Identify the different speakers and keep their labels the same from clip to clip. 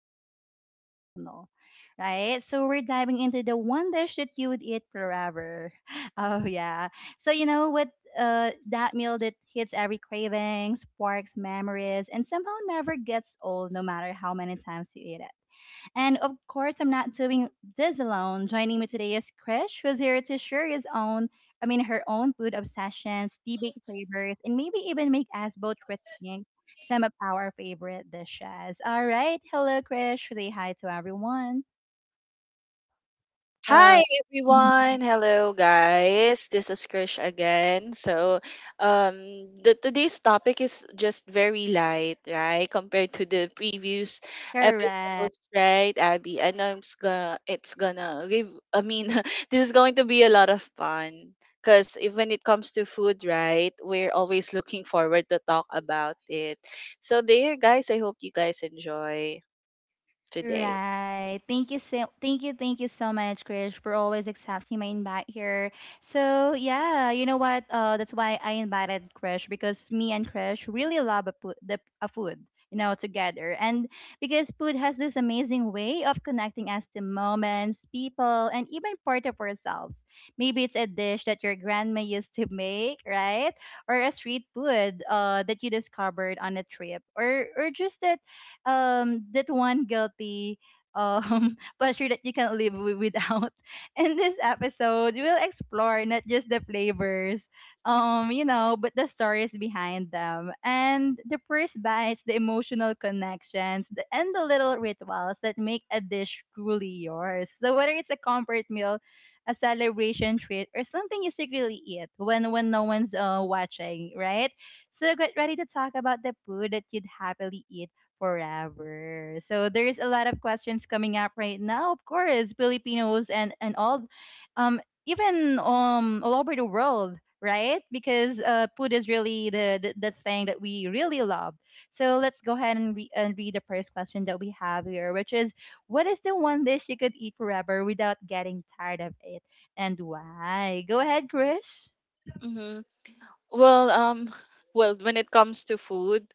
Speaker 1: honestly, the kind of personal, right? So we're diving into the one dish that you would eat forever. Oh, yeah. So, you know what? That meal that hits every craving, sparks memories, and somehow never gets old no matter how many times you eat it. And of course, I'm not doing this alone. Joining me today is Krish, who's here to share his own, I mean, her own food obsessions, debate flavors, and maybe even make us both rethink some of our favorite dishes. All right. Hello, Krish. Say hi to everyone. Uh,
Speaker 2: Hi everyone. Hello guys. This is Krish again. So, um the today's topic is just very light, right? Compared to the previous
Speaker 1: correct.
Speaker 2: episodes, right? Abby, I know it's gonna give I mean, this is going to be a lot of fun because if when it comes to food, right, we're always looking forward to talk about it. So, there guys, I hope you guys enjoy today.
Speaker 1: Right. Thank you, so much, Krish, for always accepting my invite here. So yeah, you know what? That's why I invited Krish because me and Krish really love a food, you know, together. And because food has this amazing way of connecting us to moments, people, and even part of ourselves. Maybe it's a dish that your grandma used to make, right? Or a street food that you discovered on a trip, or just a that one guilty pleasure that you can't live without. In this episode, we'll explore not just the flavors, you know, but the stories behind them and the first bites, the emotional connections, and the little rituals that make a dish truly yours. So whether it's a comfort meal, a celebration treat, or something you secretly eat when no one's watching, right? So get ready to talk about the food that you'd happily eat forever. So there's a lot of questions coming up right now, of course, Filipinos and all um even all over the world, right? Because food is really the thing that we really love. So let's go ahead and read the first question that we have here, which is what is the one dish you could eat forever without getting tired of it and why? Go ahead, Krish.
Speaker 2: Mm-hmm. Well, well, when it comes to food,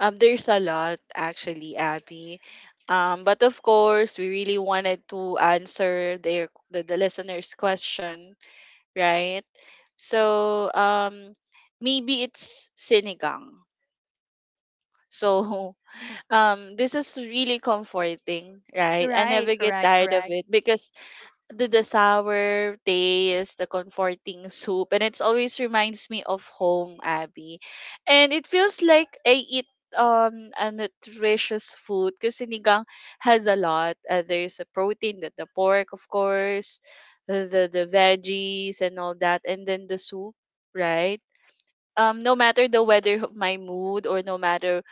Speaker 2: there's a lot actually, Abby. But of course, we really wanted to answer the listener's question, right? So, maybe it's sinigang. So, this is really comforting, right? I
Speaker 1: Right,
Speaker 2: never get
Speaker 1: correct,
Speaker 2: tired of
Speaker 1: correct.
Speaker 2: it because the sour taste, the comforting soup, and it always reminds me of home, Abby. And it feels like I eat a nutritious food because sinigang has a lot. There's a protein, that the pork, of course, the veggies and all that, and then the soup, right? No matter the weather of my mood or no matter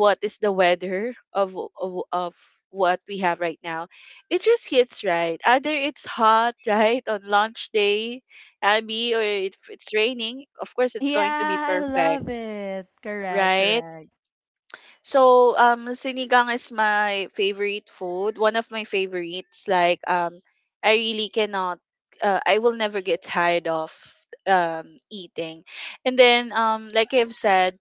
Speaker 2: what is the weather of what we have right now, it just hits right, either it's hot right on launch day, Abby, or if it's raining, of course it's going to be
Speaker 1: Yeah, I
Speaker 2: perfect,
Speaker 1: love it. Correct,
Speaker 2: right?
Speaker 1: correct.
Speaker 2: So sinigang is my favorite food, one of my favorites. Like I really cannot I will never get tired of eating. And then like I've said,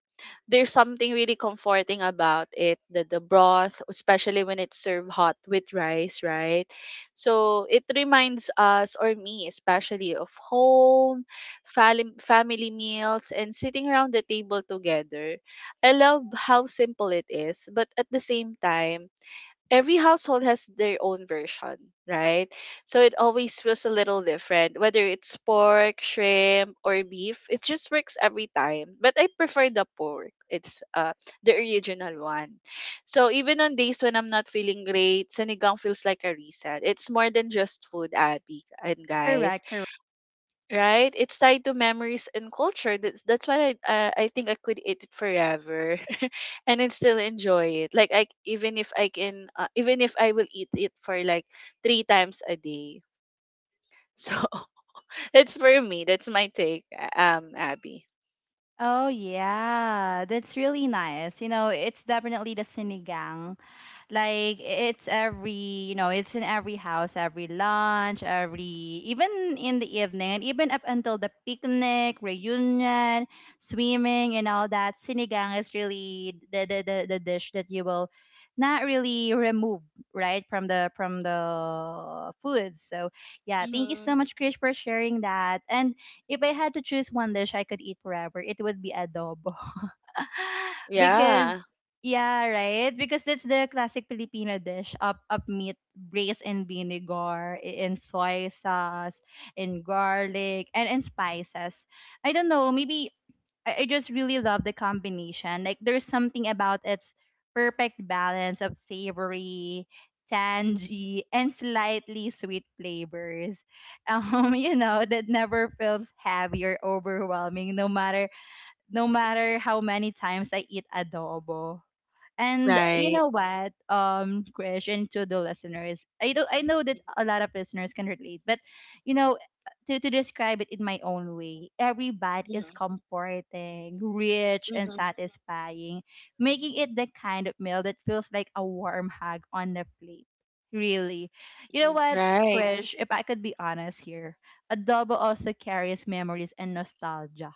Speaker 2: there's something really comforting about it, the broth, especially when it's served hot with rice, right? So it reminds us, or me especially, of home, family meals and sitting around the table together. I love how simple it is, but at the same time, every household has their own version, right? So it always feels a little different, whether it's pork, shrimp, or beef. It just works every time. But I prefer the pork. It's the original one. So even on days when I'm not feeling great, sinigang feels like a reset. It's more than just food, Abby and guys,
Speaker 1: Correct, correct.
Speaker 2: right? It's tied to memories and culture. That's why I think I could eat it forever, and I still enjoy it. Like even if I can even if I will eat it for like three times a day. So that's for me. That's my take, Abby.
Speaker 1: Oh yeah, that's really nice. You know, it's definitely the sinigang, like it's every, you know, it's in every house, every lunch, every even in the evening, and even up until the picnic reunion, swimming, and all that. Sinigang is really the dish that you will not really remove, right, from the food. So yeah, thank you
Speaker 2: Hmm
Speaker 1: so much, Chris, for sharing that. And if I had to choose one dish I could eat forever, it would be adobo.
Speaker 2: Yeah.
Speaker 1: Because yeah, right? Because that's the classic Filipino dish. Up up Meat braised in vinegar, in soy sauce, in garlic, and in spices. I don't know, maybe I just really love the combination. Like, there's something about its perfect balance of savory, tangy, and slightly sweet flavors. You know, that never feels heavy or overwhelming, no matter how many times I eat adobo. And you
Speaker 2: Right.
Speaker 1: know what, Krish, and to the listeners, I know that a lot of listeners can relate, but you know, to describe it in my own way, every bite is
Speaker 2: hmm
Speaker 1: comforting, rich, and
Speaker 2: hmm
Speaker 1: satisfying, making it the kind of meal that feels like a warm hug on the plate. Really. You know what,
Speaker 2: Right.
Speaker 1: Krish, if I could be honest here, adobo also carries memories and nostalgia,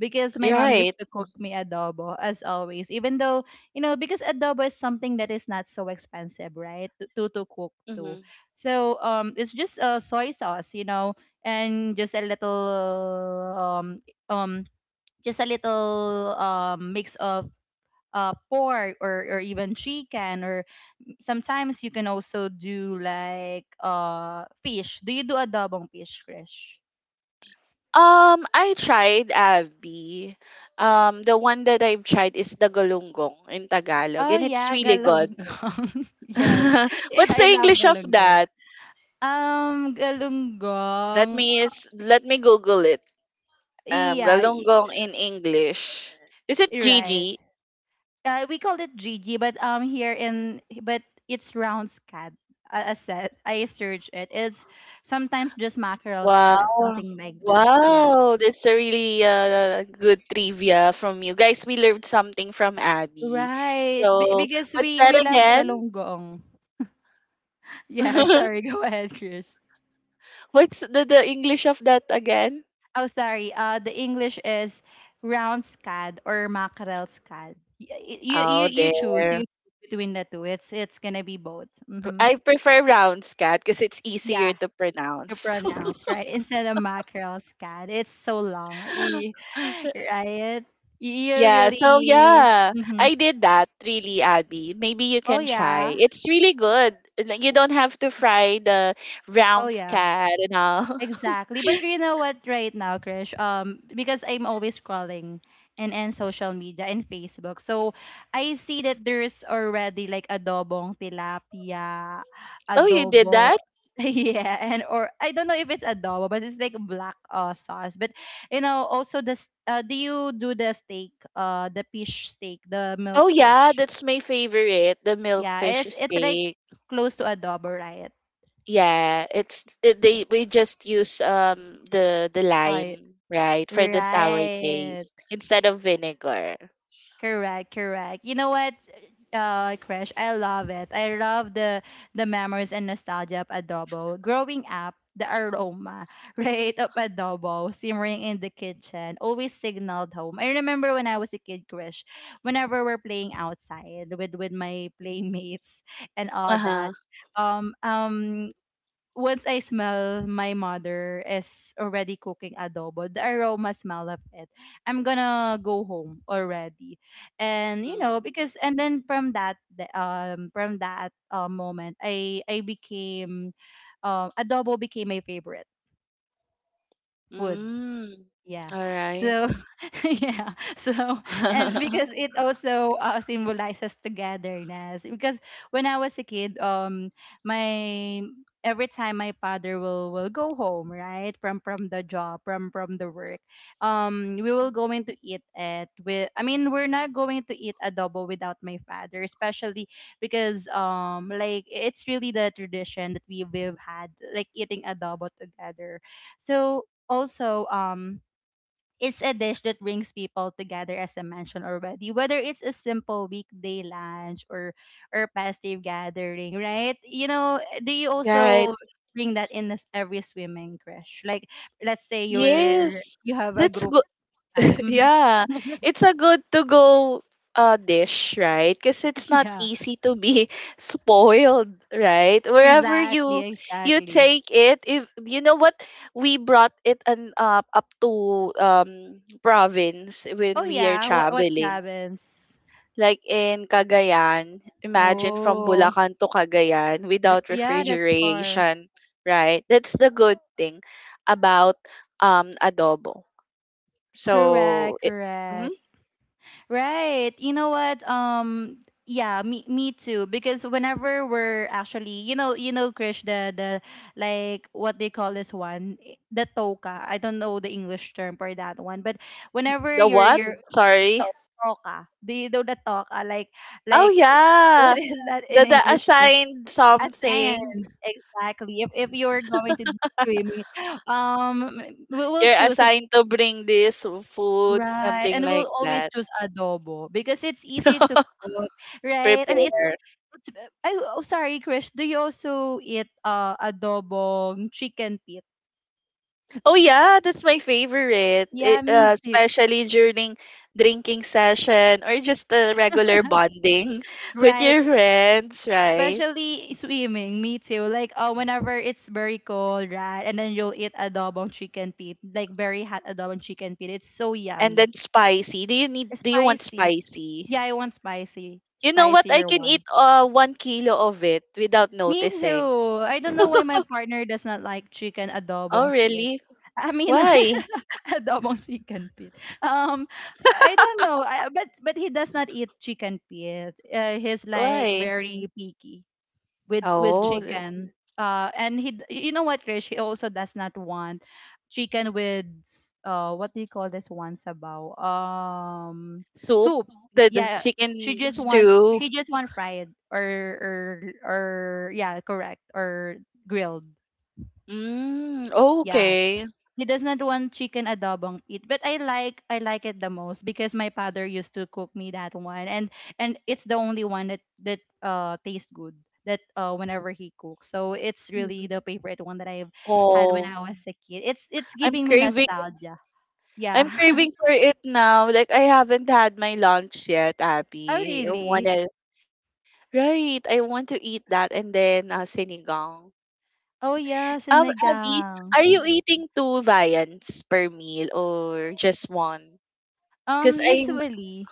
Speaker 1: because my mom used
Speaker 2: Right.
Speaker 1: to cook me adobo as always, even though, you know, because adobo is something that is not so expensive, right, to to cook too.
Speaker 2: hmm
Speaker 1: So it's just soy sauce, you know, and um um just a little mix of pork or even chicken, or sometimes you can also do like fish. Do you do adobong fish, Krish?
Speaker 2: I tried, Abby. The one that I've tried is the galunggong in Tagalog,
Speaker 1: Oh
Speaker 2: and it's
Speaker 1: yeah,
Speaker 2: really good.
Speaker 1: galunggong. Yes. Eh,
Speaker 2: What's the
Speaker 1: I love
Speaker 2: English of
Speaker 1: galunggong.
Speaker 2: that?
Speaker 1: Galunggong.
Speaker 2: Let me Google it.
Speaker 1: Yeah,
Speaker 2: Galunggong in English. Is it
Speaker 1: you're right.
Speaker 2: Gigi?
Speaker 1: We call it Gigi, but here in, but it's round scad. I said I search it. It's sometimes just mackerel scad,
Speaker 2: Wow.
Speaker 1: something like that. Yeah.
Speaker 2: Wow, that's a really good trivia from you. Guys, we learned something from Abby.
Speaker 1: Right.
Speaker 2: So,
Speaker 1: Because
Speaker 2: what's that
Speaker 1: we love
Speaker 2: again?
Speaker 1: galunggong. Yeah, sorry. Go ahead, Krish.
Speaker 2: What's the English of that again?
Speaker 1: Oh, sorry. The English is round scad or mackerel scad. You
Speaker 2: Oh,
Speaker 1: you choose.
Speaker 2: there.
Speaker 1: You choose between the two. It's gonna be both. Mm-hmm.
Speaker 2: I prefer rounds cat because it's easier
Speaker 1: Yeah,
Speaker 2: to
Speaker 1: to
Speaker 2: pronounce.
Speaker 1: pronounce right, instead of mackerel scad. It's so long, Y- right? You
Speaker 2: Yeah, so
Speaker 1: really.
Speaker 2: yeah,
Speaker 1: Mm-hmm.
Speaker 2: I did that really, Abby. Maybe you
Speaker 1: Oh
Speaker 2: can try.
Speaker 1: yeah.
Speaker 2: It's really good. Like, you don't have to fry the
Speaker 1: Oh
Speaker 2: round
Speaker 1: yeah.
Speaker 2: scat and all.
Speaker 1: Exactly. But you know what right now, Krish? Because I'm always scrolling and social media and Facebook. So I see that there's already like adobong tilapia,
Speaker 2: Oh, you did that?
Speaker 1: adobo, yeah, and or I don't know if it's adobo, but it's like black sauce. But you know, also do you do the steak, the fish steak, the milk
Speaker 2: Oh yeah,
Speaker 1: fish?
Speaker 2: that's my favorite, the
Speaker 1: Yeah,
Speaker 2: milkfish
Speaker 1: it's like
Speaker 2: steak.
Speaker 1: close to adobo, right?
Speaker 2: Yeah, they we just use the
Speaker 1: Uh,
Speaker 2: lime, right, for the sour
Speaker 1: right.
Speaker 2: taste instead of vinegar.
Speaker 1: Correct, correct. You know what, Crash, I love it. I love the memories and nostalgia of adobo. Growing up, the aroma, right, of adobo simmering in the kitchen always signaled home. I remember when I was a kid, Crash, whenever we're playing outside with my playmates and all that.
Speaker 2: Uh-huh.
Speaker 1: Um, um, Once I smell my mother is already cooking adobo, the aroma smell of it, I'm gonna go home already. And you know,
Speaker 2: Mm.
Speaker 1: because and then from that from that moment, I became adobo became my favorite food.
Speaker 2: Mm.
Speaker 1: Yeah.
Speaker 2: All right.
Speaker 1: So, yeah. So, and because it also symbolizes togetherness. Because when I was a kid, my every time my father will go home, right, from the job, from the work, we will going to eat at with. I mean, we're not going to eat adobo without my father, especially because like, it's really the tradition that we we've had, like eating adobo together. So also it's a dish that brings people together, as I mentioned already. Whether it's a simple weekday lunch or festive gathering, right? You know, do you
Speaker 2: Yeah,
Speaker 1: also bring that in this every swimming, Crash? Like, let's say you're,
Speaker 2: yes,
Speaker 1: you have a
Speaker 2: that's
Speaker 1: group
Speaker 2: good.
Speaker 1: type. Mhm.
Speaker 2: Yeah, it's a good to go dish, right? Because it's not
Speaker 1: Yeah.
Speaker 2: easy to be spoiled, right? Wherever you
Speaker 1: Exactly,
Speaker 2: you
Speaker 1: exactly.
Speaker 2: take it, if you know what, we brought it an up to province
Speaker 1: Oh
Speaker 2: when we are
Speaker 1: yeah, what
Speaker 2: traveling.
Speaker 1: province?
Speaker 2: Like in Cagayan, imagine from
Speaker 1: Oh.
Speaker 2: Bulacan to Cagayan
Speaker 1: r-
Speaker 2: without
Speaker 1: Yeah, that's far.
Speaker 2: refrigeration, right? That's the good thing about adobo, so
Speaker 1: Correct,
Speaker 2: it, mhm.
Speaker 1: correct. Right. You know what? Yeah, me too. Because whenever we're actually, you know, Krish, the like what they call this one, the toka. I don't know the English term for that one. But whenever
Speaker 2: The what?
Speaker 1: you're
Speaker 2: Sorry.
Speaker 1: to- toka, do you know the toka? Like
Speaker 2: Oh
Speaker 1: like
Speaker 2: yeah,
Speaker 1: what is that in
Speaker 2: the
Speaker 1: English term?
Speaker 2: assigned
Speaker 1: A
Speaker 2: something.
Speaker 1: science, exactly. If you're going to do swimming, um we will
Speaker 2: You're
Speaker 1: choose.
Speaker 2: assigned to bring this food,
Speaker 1: Right,
Speaker 2: something
Speaker 1: and we'll
Speaker 2: like
Speaker 1: always
Speaker 2: that.
Speaker 1: choose adobo because it's easy to cook, right? And
Speaker 2: Prepare.
Speaker 1: it's I oh sorry, Krish, do you also eat adobong chicken feet?
Speaker 2: Oh yeah, that's my favorite.
Speaker 1: Yeah,
Speaker 2: It,
Speaker 1: me too.
Speaker 2: especially during drinking session or just a regular bonding with
Speaker 1: Right,
Speaker 2: your friends, right?
Speaker 1: especially swimming, me too. Like, whenever it's very cold, right? And then you'll eat adobong chicken feet, like very hot adobong chicken feet. It's so
Speaker 2: And
Speaker 1: yummy.
Speaker 2: then spicy. Do you need? Do you want
Speaker 1: Spicy. Yeah,
Speaker 2: spicy?
Speaker 1: I want spicy,
Speaker 2: You know what? I
Speaker 1: spicier
Speaker 2: can
Speaker 1: one.
Speaker 2: eat 1 kilo of it without
Speaker 1: Me
Speaker 2: noticing.
Speaker 1: too. I don't know why my partner does not like chicken
Speaker 2: Oh,
Speaker 1: adobong pit.
Speaker 2: really?
Speaker 1: I mean,
Speaker 2: Why?
Speaker 1: adobong chicken pit. Um, I don't know, but he does not eat chicken pit. He's like
Speaker 2: Why?
Speaker 1: very picky with
Speaker 2: Oh, the
Speaker 1: chicken. And you know what, Krish? He also does not want chicken with, what do you call this one, sabaw?
Speaker 2: soup,
Speaker 1: Soup.
Speaker 2: the
Speaker 1: Yeah, she
Speaker 2: chicken
Speaker 1: just want
Speaker 2: stew.
Speaker 1: he just want fried or or yeah, correct, or grilled.
Speaker 2: Mm,
Speaker 1: Yeah.
Speaker 2: okay.
Speaker 1: He does not want chicken adobong it, but I like it the most because my father used to cook me that one, and it's the only one that tastes good that whenever he cooks. So it's
Speaker 2: Mhm.
Speaker 1: really the favorite one that I've had when
Speaker 2: Oh,
Speaker 1: I was a kid. It's
Speaker 2: I'm
Speaker 1: giving me
Speaker 2: craving.
Speaker 1: nostalgia. Yeah.
Speaker 2: I'm craving for it now. Like I haven't had my lunch yet,
Speaker 1: Oh
Speaker 2: Abby. I
Speaker 1: really?
Speaker 2: wanna, right? I want to eat that and then sinigang.
Speaker 1: Oh yeah,
Speaker 2: Abby, are
Speaker 1: sinigang.
Speaker 2: you eating two viands per meal or just one? Because I'm
Speaker 1: Usually,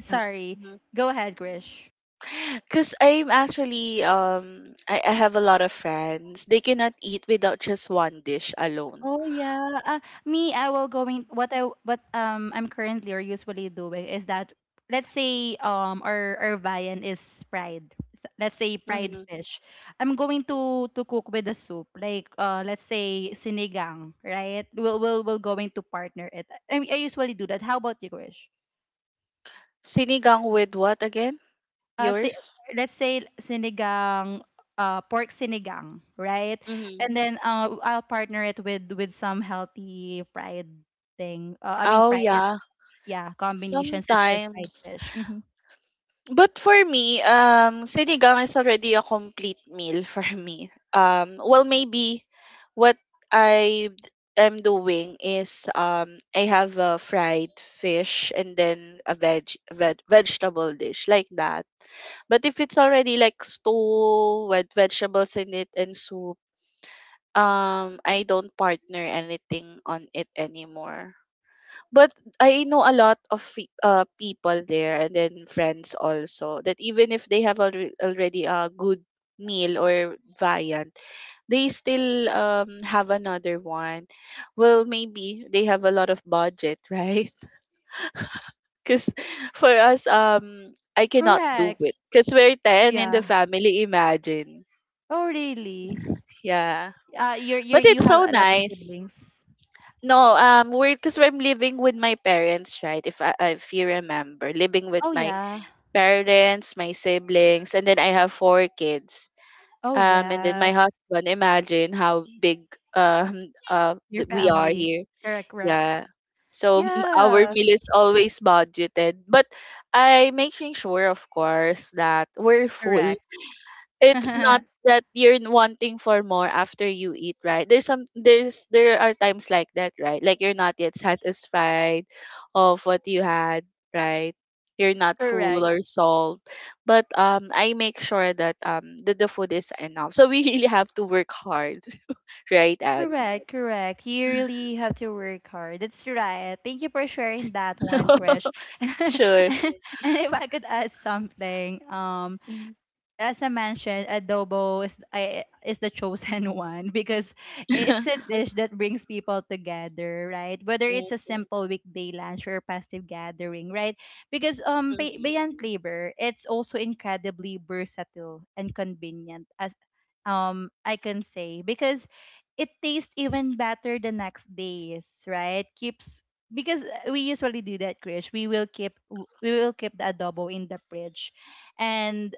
Speaker 1: sorry. Go ahead, Grish.
Speaker 2: Because I'm actually I have a lot of friends. They cannot eat without just one dish alone.
Speaker 1: Oh yeah. Me, I will going what I'm currently or usually doing is that, let's say our viand is fried. S- Let's say fried
Speaker 2: Mm-hmm.
Speaker 1: fish. I'm going to cook with the soup. Like let's say sinigang, right? We'll going to partner it. I usually do that. How about you, Krish?
Speaker 2: Sinigang with what again?
Speaker 1: uh, say,
Speaker 2: Yours?
Speaker 1: let's say sinigang, pork sinigang, right?
Speaker 2: Mm-hmm.
Speaker 1: And then, I'll partner it with some healthy fried thing. I mean
Speaker 2: Oh
Speaker 1: fried,
Speaker 2: yeah.
Speaker 1: yeah, combination such as fried
Speaker 2: Sometimes.
Speaker 1: fish.
Speaker 2: But for me, sinigang is already a complete meal for me. Well, maybe what I am doing is I have a fried fish and then a vegetable dish like that. But if it's already like stew with vegetables in it and soup, I don't partner anything on it anymore. But I know a lot of people there and then friends also that even if they already a good meal or variant, they still have another one. Well, maybe they have a lot of budget, right? Because for us, I cannot do
Speaker 1: Correct.
Speaker 2: it because we're 10 in the
Speaker 1: Yeah.
Speaker 2: family, imagine.
Speaker 1: Oh, really?
Speaker 2: Yeah.
Speaker 1: You are,
Speaker 2: But
Speaker 1: you
Speaker 2: it's
Speaker 1: have
Speaker 2: so
Speaker 1: a lot of
Speaker 2: nice.
Speaker 1: siblings.
Speaker 2: No, we're because I'm living with my parents, right? If I, if you remember, living with
Speaker 1: Oh
Speaker 2: my
Speaker 1: yeah.
Speaker 2: parents, my siblings, and then I have four kids.
Speaker 1: Oh
Speaker 2: And then my
Speaker 1: yeah.
Speaker 2: husband. Imagine how big
Speaker 1: Your
Speaker 2: we are
Speaker 1: family.
Speaker 2: here.
Speaker 1: Correct. Correct.
Speaker 2: Yeah. So our
Speaker 1: Yeah.
Speaker 2: meal is always budgeted, but I making sure, of course, that we're full.
Speaker 1: Correct.
Speaker 2: It's not that you're wanting for more after you eat, right? There's some there's There are times like that, right? Like you're not yet satisfied of what you had, right? You're not full
Speaker 1: correct.
Speaker 2: or solved. But I make sure that the food is enough. So we really have to work hard, right, Abby?
Speaker 1: Correct, correct. You really have to work hard. That's right. Thank you for sharing that one, Krish.
Speaker 2: Sure.
Speaker 1: And if I could add something,
Speaker 2: Mm.
Speaker 1: as I mentioned, adobo is the chosen one because it's a dish that brings people together, right? Whether
Speaker 2: Mm,
Speaker 1: it's a simple weekday lunch or a festive gathering, right? Because
Speaker 2: mhm,
Speaker 1: beyond flavor, it's also incredibly versatile and convenient, as I can say, because it tastes even better the next days, right? Keeps because we usually do that, Krish. We will we will keep the adobo in the fridge and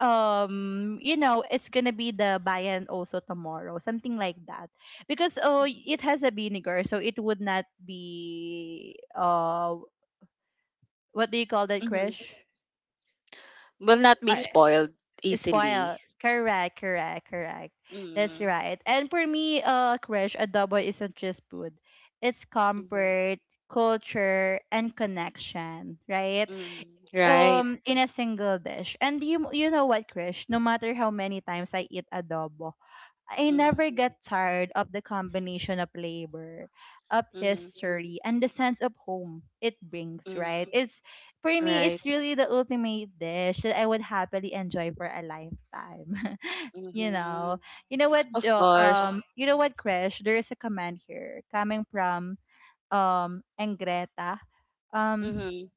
Speaker 1: you know it's gonna be the bayan also tomorrow, something like that, because oh, it has a vinegar so it would not be what do you call that,
Speaker 2: mhm.
Speaker 1: Crash?
Speaker 2: Will not be
Speaker 1: uh,
Speaker 2: spoiled easily.
Speaker 1: Spoil. Correct, correct, correct. That's
Speaker 2: Mm-hmm.
Speaker 1: right. And for me, Crash, adobo isn't just food, it's comfort, culture, and connection, right?
Speaker 2: hmm Right.
Speaker 1: In a single dish. And you know what, Krish? No matter how many times I eat adobo, I
Speaker 2: Mm-hmm.
Speaker 1: never get tired of the combination of labor, of
Speaker 2: Mm-hmm.
Speaker 1: history, and the sense of home it brings, right?
Speaker 2: Mhm.
Speaker 1: It's for me,
Speaker 2: Right?
Speaker 1: it's really the ultimate dish that I would happily enjoy for a lifetime. you
Speaker 2: Mhm.
Speaker 1: know. You know what,
Speaker 2: Of course.
Speaker 1: you know what, Crash, there is a comment here coming from Engreta. Um
Speaker 2: Mhm.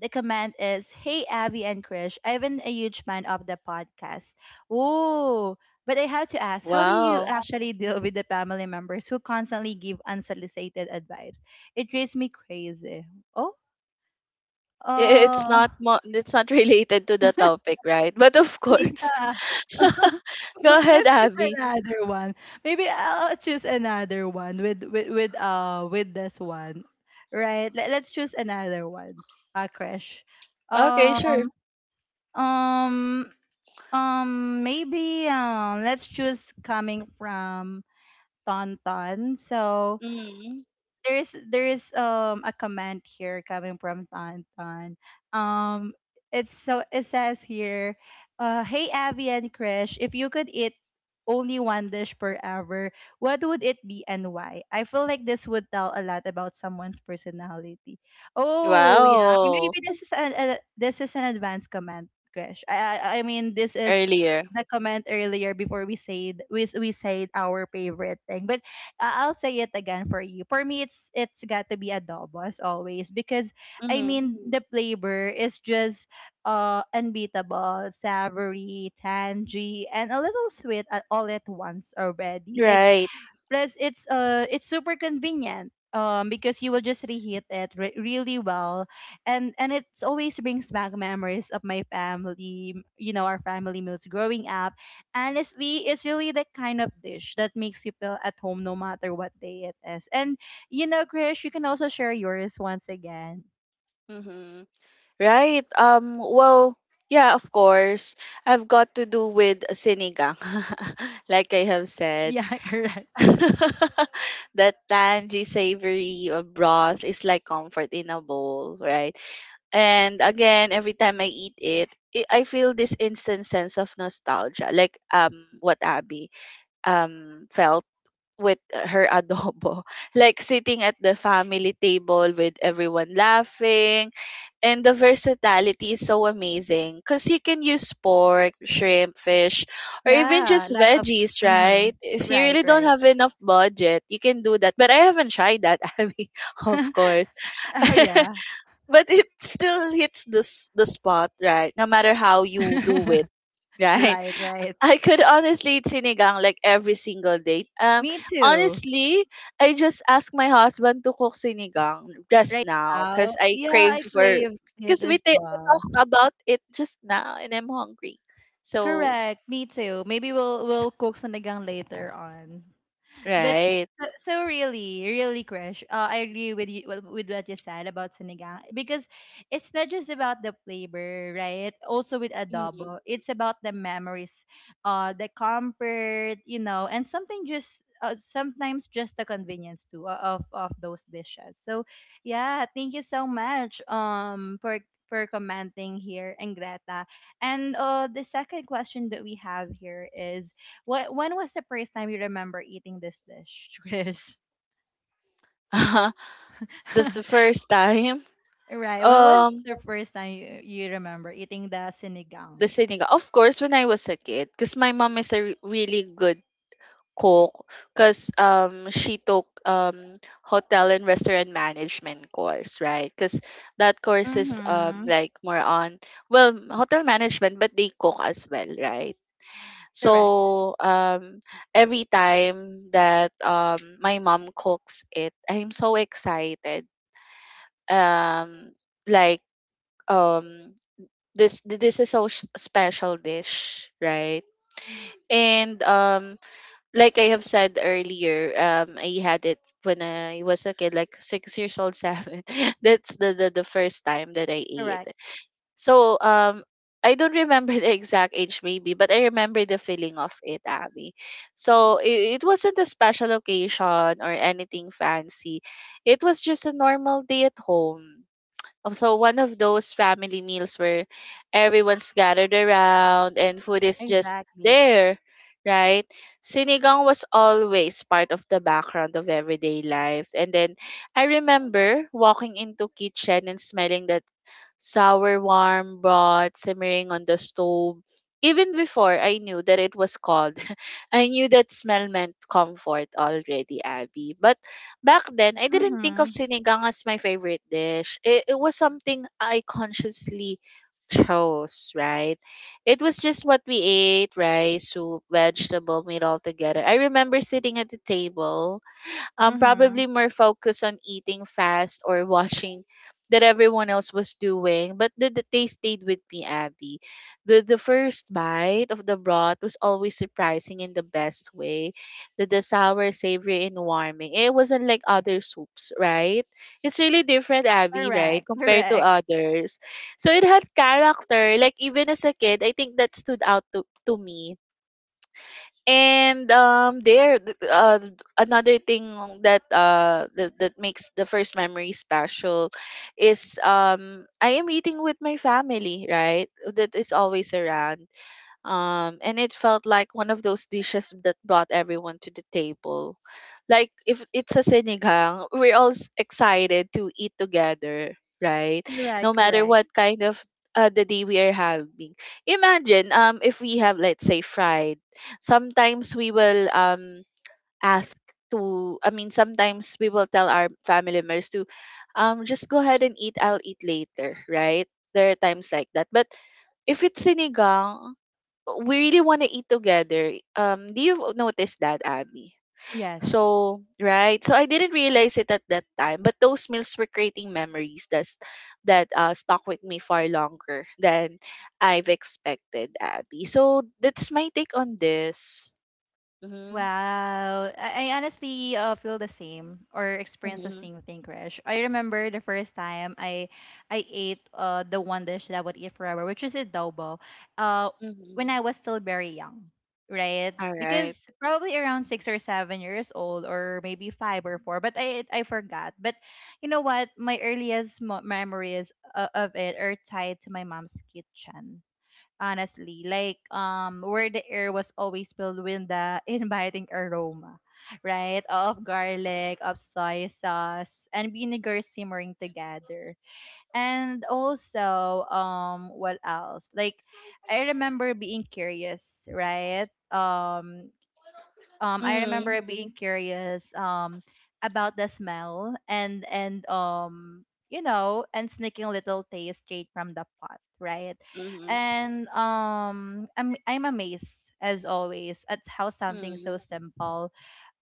Speaker 1: the comment is, hey Abby and Krish, I've been a huge fan of the podcast. Ooh, but I have to ask, how do you
Speaker 2: Wow.
Speaker 1: actually deal with the family members who constantly give unsolicited advice? It drives me crazy. Oh,
Speaker 2: It's
Speaker 1: uh,
Speaker 2: not mo- it's not related to the topic, right? But of course.
Speaker 1: yeah.
Speaker 2: Go ahead,
Speaker 1: Let's choose
Speaker 2: Abby.
Speaker 1: another one. Maybe I'll choose another one with with this one, right? Let's choose another one. Crash.
Speaker 2: Okay, sure.
Speaker 1: Um um maybe let's choose coming from Tonton. So,
Speaker 2: Mhm.
Speaker 1: there's a comment here coming from Tantan. Um, it's so it says here, hey Abby and Krish, if you could eat only one dish forever, what would it be, and why? I feel like this would tell a lot about someone's personality. Oh yeah, maybe
Speaker 2: Wow.
Speaker 1: this is this is an advanced comment, Krish. I mean this is
Speaker 2: Earlier.
Speaker 1: the comment earlier before we said we said our favorite thing, but I'll say it again for you. For me, it's got to be adobo as always because I
Speaker 2: Mhm.
Speaker 1: mean the flavor is just unbeatable, savory, tangy, and a little sweet at all at once already. Like
Speaker 2: Right.
Speaker 1: plus, it's super convenient, because you will just reheat it really well, and it always brings back memories of my family, you know, our family meals growing up. Honestly, it's really the kind of dish that makes you feel at home no matter what day it is. And you know, Krish, you can also share yours once again.
Speaker 2: Mhm. Right. Well, yeah, of course. I've got to do with sinigang. Like I have said.
Speaker 1: Yeah, correct.
Speaker 2: That tangy savory broth is like comfort in a bowl, right? And again, every time I eat it, I feel this instant sense of nostalgia, like what Abby felt with her adobo, like sitting at the family table with everyone laughing. And the versatility is so amazing because you can use pork, shrimp, fish, or even
Speaker 1: Yeah,
Speaker 2: just
Speaker 1: lot of.
Speaker 2: veggies,
Speaker 1: Mm-hmm.
Speaker 2: right? If you
Speaker 1: Right,
Speaker 2: really don't
Speaker 1: right.
Speaker 2: have enough budget, you can do that. But I haven't tried that, Abby, of course.
Speaker 1: Oh yeah.
Speaker 2: But it still hits the spot, right? No matter how you do it, right?
Speaker 1: Right, right.
Speaker 2: I could honestly eat sinigang like every single day.
Speaker 1: Me too.
Speaker 2: Honestly, I just asked my husband to cook sinigang just
Speaker 1: Right
Speaker 2: now
Speaker 1: now,
Speaker 2: because I
Speaker 1: yeah,
Speaker 2: craved
Speaker 1: I
Speaker 2: for,
Speaker 1: crave it
Speaker 2: because
Speaker 1: as
Speaker 2: we
Speaker 1: well.
Speaker 2: talked about it just now, and I'm hungry. So
Speaker 1: Correct, me too. Maybe we'll cook sinigang later on. But
Speaker 2: right,
Speaker 1: so really, really, Krish, I agree with you with what you said about sinigang because it's not just about the flavor, right? Also with
Speaker 2: mm
Speaker 1: adobo, it's about the memories, the comfort, you know, and something just. Sometimes just the convenience too, of those dishes. So, yeah, thank you so much for commenting here, and Greta. And the second question that we have here is what when was the first time you remember eating this dish, Chris?
Speaker 2: that's the first time.
Speaker 1: Right. When was
Speaker 2: Um,
Speaker 1: the first time you, remember eating the sinigang?
Speaker 2: the sinigang. Of course, when I was a kid, because my mom is a really good cook because she took hotel and restaurant management course, right? Because that course is
Speaker 1: Mm-hmm.
Speaker 2: like more on well hotel management, but they cook as well, right?
Speaker 1: Correct.
Speaker 2: So every time that my mom cooks it, I'm so excited, um like um this is so special dish, right? And like I have said earlier, I had it when I was a kid, like 6 years old, seven. That's the first time that I ate.
Speaker 1: Correct.
Speaker 2: So I don't remember the exact age, maybe, but I remember the feeling of it, Abby. So it wasn't a special occasion or anything fancy. It was just a normal day at home, also one of those family meals where everyone's gathered around and food is just
Speaker 1: Exactly.
Speaker 2: there, right? Sinigang was always part of the background of everyday life. And then I remember walking into kitchen and smelling that sour warm broth simmering on the stove. Even before I knew that it was cold, I knew that smell meant comfort already, Abby. But back then, I didn't think
Speaker 1: Mm-hmm.
Speaker 2: of sinigang as my favorite dish. It was something I consciously chose, right? It was just what we ate: rice, soup, vegetable, meat all together. I remember sitting at the table,
Speaker 1: Mm-hmm.
Speaker 2: probably more focused on eating fast or watching that everyone else was doing. But the taste stayed with me, Abby. The first bite of the broth was always surprising in the best way. The sour, savory, and warming. It wasn't like other soups, right? It's really different, Abby, right?
Speaker 1: Correct.
Speaker 2: Compared to
Speaker 1: Correct.
Speaker 2: others. So it had character. Like even as a kid, I think that stood out to me and another thing that makes the first memory special is I am eating with my family, right? That is always around and it felt like one of those dishes that brought everyone to the table, like if it's a sinigang, we're all excited to eat together, right? No
Speaker 1: Correct.
Speaker 2: matter
Speaker 1: Correct.
Speaker 2: what kind of the day we are having. Imagine, if we have, let's say, fried, sometimes we will ask to, I mean, sometimes we will tell our family members to just go ahead and eat, I'll eat later, right? There are times like that, but if it's sinigang, we really want to eat together. Do you notice that, Abby?
Speaker 1: Yes.
Speaker 2: So, right. So I didn't realize it at that time, but those meals were creating memories that stuck with me far longer than I've expected, Abby. So that's my take on this. Mm-hmm.
Speaker 1: Wow. I honestly, feel the same or experience the
Speaker 2: Mm-hmm.
Speaker 1: same thing, Krish. I remember the first time I ate, the one dish that I would eat forever, which is adobo, uh, when
Speaker 2: Mm-hmm.
Speaker 1: I was still very young, right?
Speaker 2: All
Speaker 1: Because
Speaker 2: right.
Speaker 1: probably around 6 or 7 years old, or maybe 5 or 4, but I forgot. But you know what? My earliest memories, of it are tied to my mom's kitchen honestly. Like where the air was always filled with the inviting aroma, right? Of garlic, of soy sauce, and vinegar simmering together. And also, what else? Like I remember being curious, right? I
Speaker 2: Mm-hmm.
Speaker 1: remember being Mm-hmm. curious, about the smell, and you know, and sneaking little taste straight from the pot, right?
Speaker 2: Mm-hmm.
Speaker 1: And I'm amazed as always at how something so
Speaker 2: Mm-hmm.
Speaker 1: simple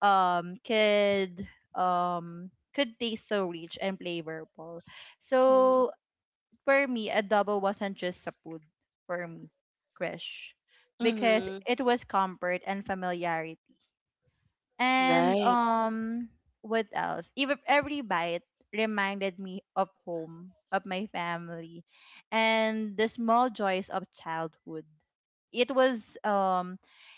Speaker 1: um could could taste so rich and flavorful. So for me, adobo wasn't just a food, for me, Krish, because
Speaker 2: Mm-hmm.
Speaker 1: it was comfort and familiarity. And
Speaker 2: Right.
Speaker 1: what else? Even every bite reminded me of home, of my family, and the small joys of childhood. It was um,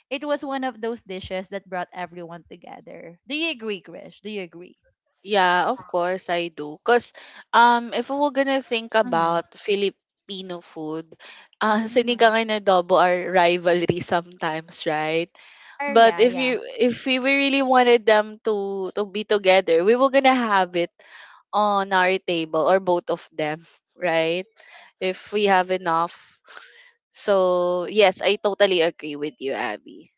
Speaker 1: it was one of those dishes that brought everyone together. Do you agree, Krish? Do you agree?
Speaker 2: Yeah, of course I do. Cause if we're gonna think
Speaker 1: Mm-hmm.
Speaker 2: about Filipino food,
Speaker 1: Mm-hmm.
Speaker 2: sinigang and adobo are rivalry sometimes, right?
Speaker 1: Oh
Speaker 2: But
Speaker 1: yeah, yeah.
Speaker 2: if we really wanted them to be together, we were gonna have it on our table or both of them, right? If we have enough. So yes, I totally agree with you, Abby.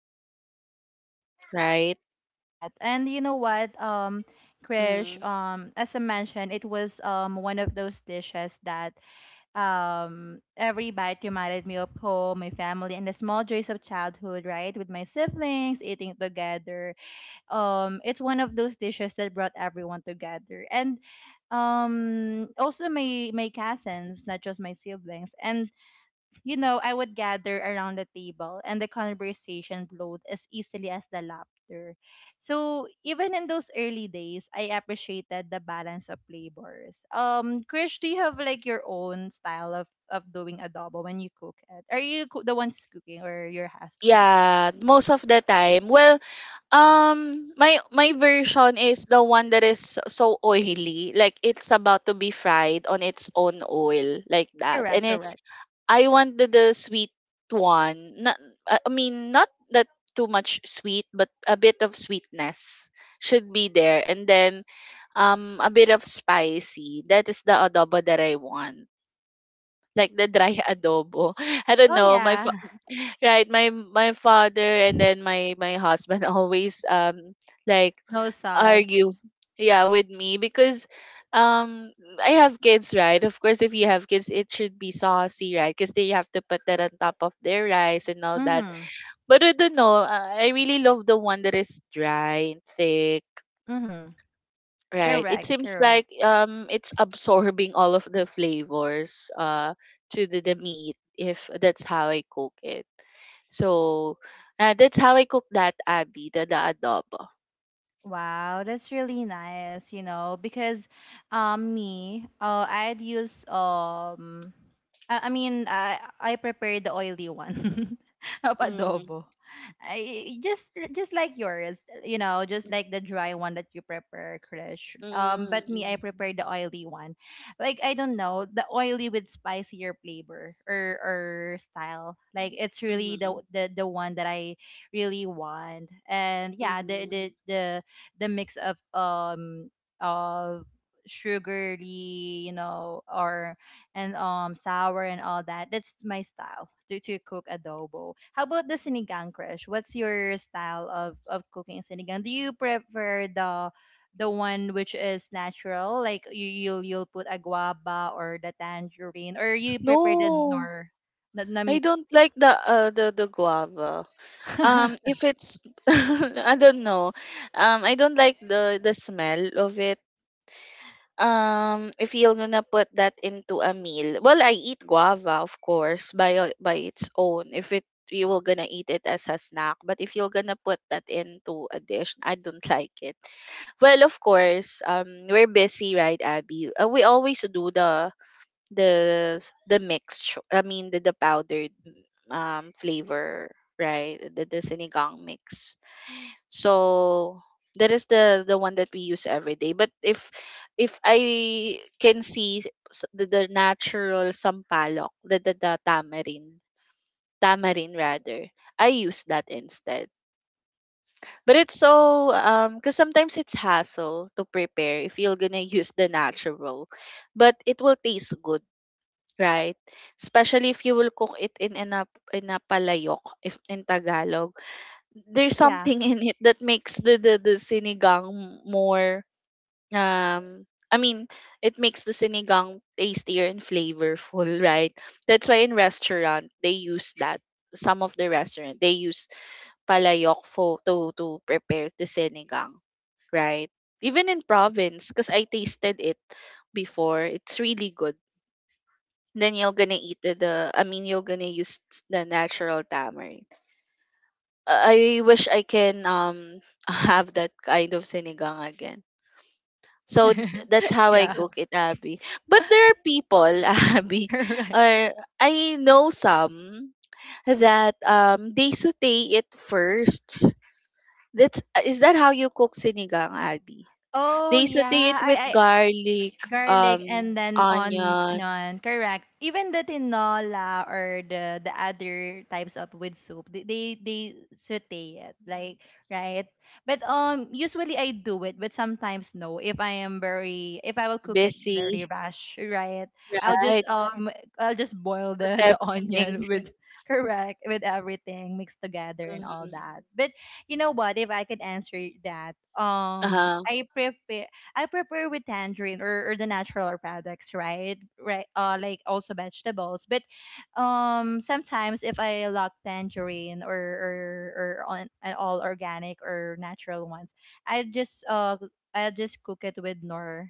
Speaker 1: Of course. Thank you for for
Speaker 2: Right?
Speaker 1: sharing that. And you know what, Krish,
Speaker 2: Mm.
Speaker 1: as I mentioned, it was one of those dishes that every bite reminded me of home, my family, and the small joys of childhood, right? With my siblings eating together, it's one of those dishes that brought everyone together, and also my cousins, not just my siblings. And you know, I would gather around the table and the conversation flowed as easily as the laughter. So even in those early days, I appreciated the balance of flavors. Krish, do you have like your own style of, doing adobo when you cook it? Are you the one's cooking, or your husband?
Speaker 2: Yeah, most of the time. Well, my version is the one that is so oily, like it's about to be fried on its own oil, like that.
Speaker 1: Correct,
Speaker 2: And it,
Speaker 1: correct.
Speaker 2: I wanted the sweet one. Not, I mean, not that too much sweet, but a bit of sweetness should be there, and then a bit of spicy. That is the adobo that I want, like the dry adobo. I don't
Speaker 1: Oh
Speaker 2: know.
Speaker 1: yeah,
Speaker 2: Right, my father and then my husband always like
Speaker 1: no sauce.
Speaker 2: argue, yeah, with me because um I have kids, right? Of course if you have kids it should be saucy, right? Because they have to put that on top of their rice and all that.
Speaker 1: Mm-hmm,
Speaker 2: But I don't know, I really love the one that is dry and thick,
Speaker 1: mm-hmm.
Speaker 2: right? It
Speaker 1: Correct,
Speaker 2: seems
Speaker 1: correct.
Speaker 2: like it's absorbing all of the flavors, to the meat, if that's how I cook it. So, that's how I cook that, Abby, the adobo.
Speaker 1: Wow, that's really nice, you know, because me, I'd use I mean I prepare the oily one of
Speaker 2: Mm,
Speaker 1: adobo. I just like yours, you know, just
Speaker 2: mm,
Speaker 1: like the dry one that you prepare, Krish.
Speaker 2: mm,
Speaker 1: But me, I
Speaker 2: mm.
Speaker 1: prepare the oily one. Like I don't know, the oily with spicier flavor, or style. Like it's really the
Speaker 2: Mhm,
Speaker 1: the the one that I really want. And yeah, the
Speaker 2: mhm.
Speaker 1: the the the mix of of sugary, you know, or and sour and all that. That's my style to cook adobo. How about the sinigang, Krish? What's your style of cooking sinigang? Do you prefer the one which is natural, like you'll put a guava or the tangerine, or you prepare the
Speaker 2: No,
Speaker 1: nor the
Speaker 2: I
Speaker 1: mix?
Speaker 2: don't like the guava. If it's, I don't know. I don't like the smell of it. If you're gonna put that into a meal, well, I eat guava, of course, by its own. If it You were gonna eat it as a snack, but if you're gonna put that into a dish, I don't like it. Well, of course, we're busy, right, Abby? We always do the mixture, I mean the powdered flavor, right, the sinigang mix. So that is the one that we use every day, but if I can see, the natural sampalok, the tamarind rather, I use that instead. But it's so, because sometimes it's hassle to prepare if you're gonna use the natural, but it will taste good. Right. Especially if you will cook it in a palayok, if in Tagalog. There's
Speaker 1: Yeah.
Speaker 2: something in it that makes the sinigang more, I mean, it makes the sinigang tastier and flavorful, right? That's why in restaurant they use that. Some of the restaurant they use palayok for to prepare the sinigang, right? Even in province, because I tasted it before, it's really good, then you're gonna eat the, I mean, you're gonna use the natural tamarind. I wish I can have that kind of sinigang again. So, that's how I
Speaker 1: Yeah,
Speaker 2: cook it, Abby. But there are people, Abby,
Speaker 1: correct.
Speaker 2: or I know some that they saute it first. That's Is that how you cook sinigang, Abby?
Speaker 1: Oh
Speaker 2: They saute
Speaker 1: yeah,
Speaker 2: it with
Speaker 1: I
Speaker 2: garlic,
Speaker 1: garlic
Speaker 2: um,
Speaker 1: and then
Speaker 2: onion,
Speaker 1: on correct, even the tinola or the other types of with soup, they saute it like, right? But usually I do it, but sometimes no. If I am very, if I will cook it
Speaker 2: busy,
Speaker 1: very rash, right, I'll just
Speaker 2: right?
Speaker 1: I'll just boil
Speaker 2: With
Speaker 1: the
Speaker 2: everything.
Speaker 1: onion with, correct, with everything mixed together and all
Speaker 2: Mhm.
Speaker 1: that. But you know what, if I could answer that,
Speaker 2: Uh-huh.
Speaker 1: I prepare, I prepare with tangerine or, the natural products, right? Right, like also vegetables. But sometimes if I lock tangerine or on an all organic or natural ones, I just I'll just cook it with nor,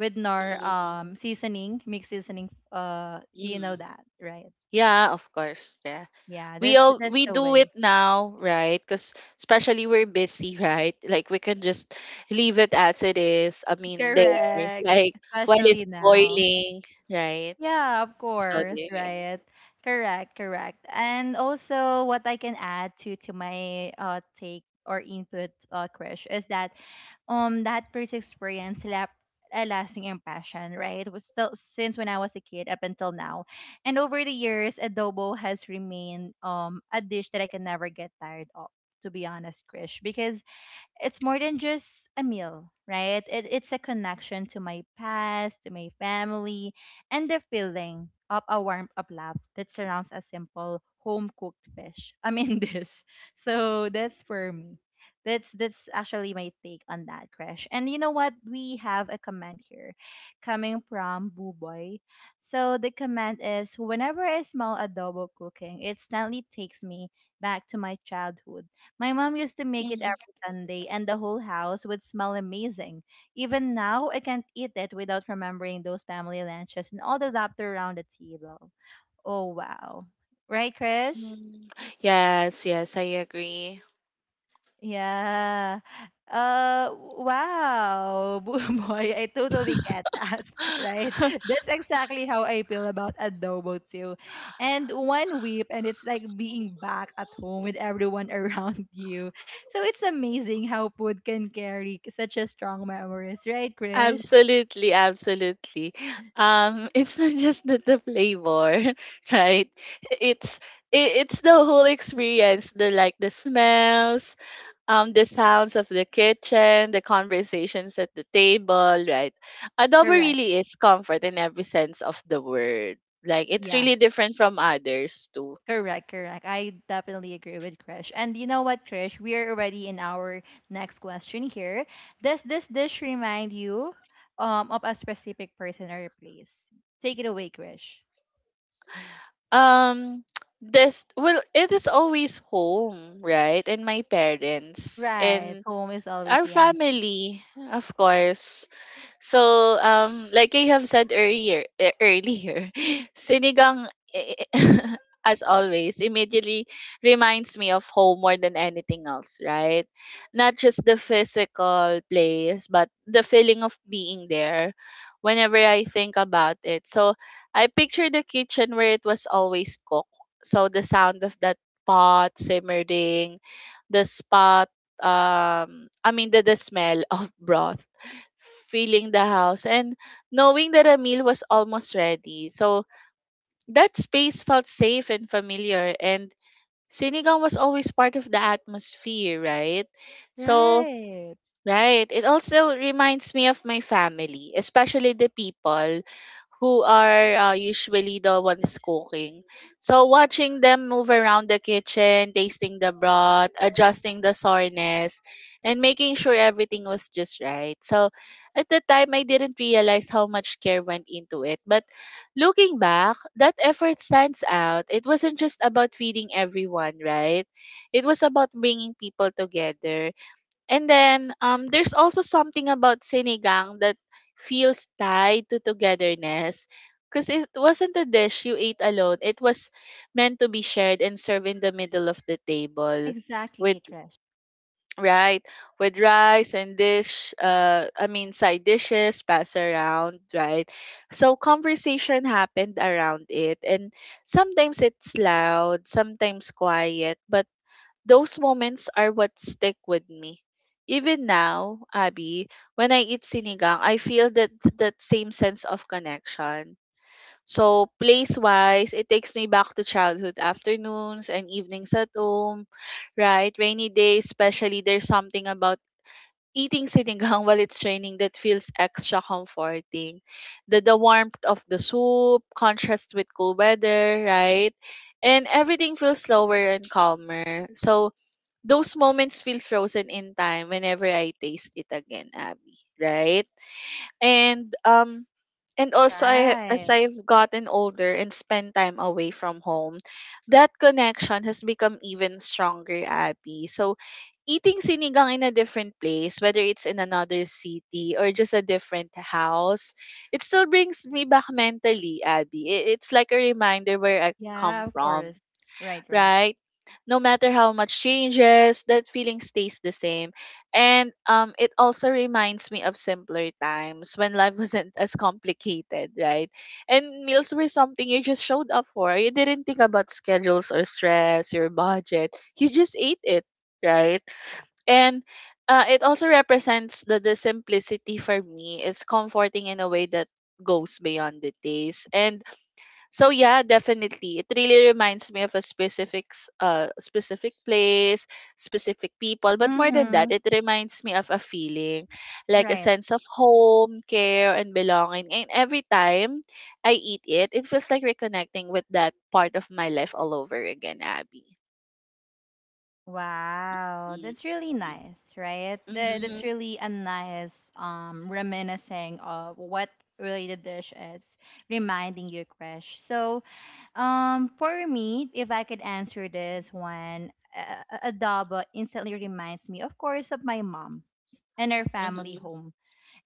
Speaker 1: with nor,
Speaker 2: Mm,
Speaker 1: seasoning, mixed seasoning. Do you know
Speaker 2: hmm.
Speaker 1: that, right?
Speaker 2: Yeah, of course. Yeah.
Speaker 1: Yeah,
Speaker 2: We all
Speaker 1: that's
Speaker 2: we
Speaker 1: the
Speaker 2: do it
Speaker 1: way.
Speaker 2: now, right? Cuz especially we're busy, right? Like we can just leave it as it is. I mean, there,
Speaker 1: Correct,
Speaker 2: like, while
Speaker 1: especially
Speaker 2: it's
Speaker 1: now.
Speaker 2: boiling, right?
Speaker 1: Yeah, of
Speaker 2: So
Speaker 1: course,
Speaker 2: there.
Speaker 1: right. Correct, correct. And also what I can add to my, take or input, Krish, is that that first experience left a lasting impression, right? It was still since when I was a kid up until now. And over the years, adobo has remained, a dish that I can never get tired of, to be honest, Krish, because it's more than just a meal, right? It's a connection to my past, to my family, and the feeling of a warmth of love that surrounds a simple home cooked fish. I mean dish. So that's for me. That's actually my take on that, Crash. And you know what? We have a comment here coming from Boo Boy. So the comment is, whenever I smell adobo cooking, it instantly takes me back to my childhood. My mom used to make it
Speaker 2: Mhm,
Speaker 1: every Sunday, and the whole house would smell amazing. Even now, I can't eat it without remembering those family lunches and all the laughter around the table. Oh, wow. Right, Krish?
Speaker 2: mhm. Yes, yes, I agree.
Speaker 1: Yeah. Wow, boy, I totally get that, right? That's exactly how I feel about adobo too. And one whip, and it's like being back at home with everyone around you. So it's amazing how food can carry such a strong memories, right, Chris?
Speaker 2: Absolutely, absolutely. It's not just the flavor, right? It's it's the whole experience, the, like, the smells, the sounds of the kitchen, the conversations at the table, right? Adobo
Speaker 1: Correct.
Speaker 2: really is comfort in every sense of the word. Like it's
Speaker 1: Yeah.
Speaker 2: really different from others too.
Speaker 1: Correct, correct. I definitely agree with Krish. And you know what, Krish? We are already in our next question here. Does this dish remind you of a specific person or place? Take it away, Krish.
Speaker 2: Um, this Well, it is always home, right? And my parents
Speaker 1: Right.
Speaker 2: and
Speaker 1: Home is always
Speaker 2: our
Speaker 1: the answer.
Speaker 2: family, of course. So, like I have said earlier, earlier, sinigang, eh, as always, immediately reminds me of home more than anything else, right? Not just the physical place, but the feeling of being there whenever I think about it. So, I picture the kitchen where it was always cooked. So, the sound of that pot simmering, the spot I mean the smell of broth feeling the house and knowing that a meal was almost ready. So that space felt safe and familiar, and sinigang was always part of the atmosphere, right? So,
Speaker 1: Right.
Speaker 2: right, it also reminds me of my family, especially the people who are, usually the ones cooking. So watching them move around the kitchen, tasting the broth, adjusting the sourness, and making sure everything was just right. So at the time, I didn't realize how much care went into it. But looking back, that effort stands out. It wasn't just about feeding everyone, right? It was about bringing people together. And then there's also something about sinigang that feels tied to togetherness, because it wasn't a dish you ate alone. It was meant to be shared and served in the middle of the table with,
Speaker 1: Exactly, Krish.
Speaker 2: right, with rice and dish, I mean side dishes pass around, right, so conversation happened around it, and sometimes it's loud, sometimes quiet, but those moments are what stick with me. Even now, Abby, when I eat sinigang, I feel that same sense of connection. So place-wise, it takes me back to childhood afternoons and evenings at home, right? Rainy days, especially, there's something about eating sinigang while it's raining that feels extra comforting. the warmth of the soup, contrast with cool weather, right? And everything feels slower and calmer. So those moments feel frozen in time whenever I taste it again, Abby, right? And um and also, I as
Speaker 1: Right.
Speaker 2: I've gotten older and spent time away from home, that connection has become even stronger, Abby. So eating sinigang in a different place, whether it's in another city or just a different house, it still brings me back mentally, Abby. It's like a reminder where I
Speaker 1: Yeah,
Speaker 2: come
Speaker 1: of
Speaker 2: from,
Speaker 1: course. Right, right.
Speaker 2: right? No matter how much changes, that feeling stays the same. And it also reminds me of simpler times when life wasn't as complicated, right? And meals were something you just showed up for. You didn't think about schedules or stress, your budget. You just ate it, right? And it also represents that the simplicity, for me, is comforting in a way that goes beyond the taste. And so, yeah, definitely. It really reminds me of a specific, specific place, specific people, but more than that,
Speaker 1: Mm-hmm.
Speaker 2: it reminds me of a feeling, like a
Speaker 1: Right.
Speaker 2: sense of home, care, and belonging. And every time I eat it, it feels like reconnecting with that part of my life all over again, Abby.
Speaker 1: Wow,
Speaker 2: Mm-hmm.
Speaker 1: that's really nice, right? That,
Speaker 2: Mm-hmm.
Speaker 1: that's really a nice reminiscing of what really the dish is, reminding you, Krish. So, for me, if I could answer this one, adobo instantly reminds me, of course, of my mom and her family
Speaker 2: Mm-hmm.
Speaker 1: home.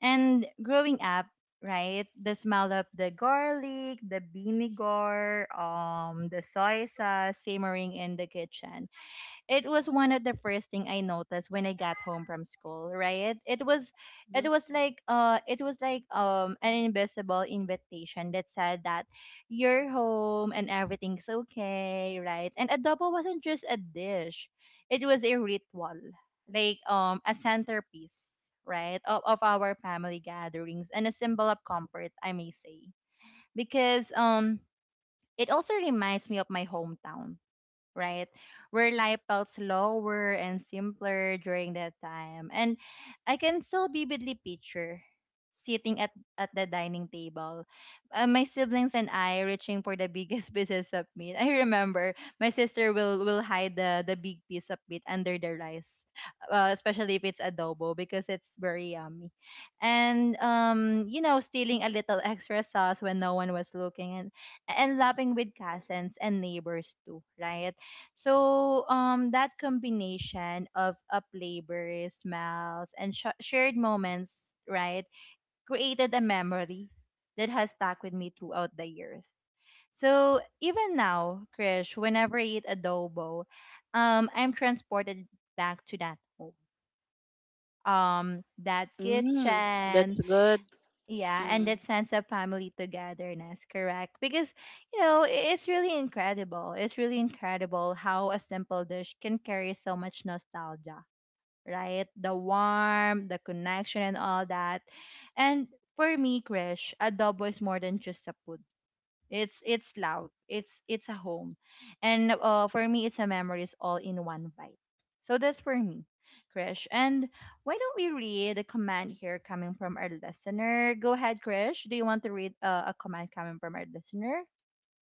Speaker 1: And growing up, right, the smell of the garlic, the vinegar, the soy sauce simmering in the kitchen, it was one of the first thing I noticed when I got home from school, right? It was like an invisible invitation that said that you're home and everything's okay, right? And adobo wasn't just a dish. It was a ritual, like a centerpiece, right? Of our family gatherings and a symbol of comfort, I may say. Because it also reminds me of my hometown, right? Where life felt slower and simpler during that time. And I can still vividly picture sitting at the dining table. My siblings and I reaching for the biggest pieces of meat. I remember my sister will hide the big piece of meat under the rice, especially if it's adobo because it's very yummy. And, you know, stealing a little extra sauce when no one was looking, and laughing with cousins and neighbors too, right? So that combination of a flavor, smells, and shared moments, right, created a memory that has stuck with me throughout the years. So even now, Krish, whenever I eat adobo, I'm transported back to that home, that
Speaker 2: Mm,
Speaker 1: kitchen,
Speaker 2: that's good.
Speaker 1: yeah, and
Speaker 2: Mm-hmm.
Speaker 1: that sense of family togetherness, correct? Because, you know, it's really incredible. It's really incredible how a simple dish can carry so much nostalgia, right? The warmth, the connection, and all that. And for me, Krish, adobo is more than just a food. It's loud. It's a home, and for me, it's a memories all in one bite. So that's for me, Krish. And why don't we read a comment here coming from our listener? Go ahead, Krish. Do you want to read a comment coming from our listener?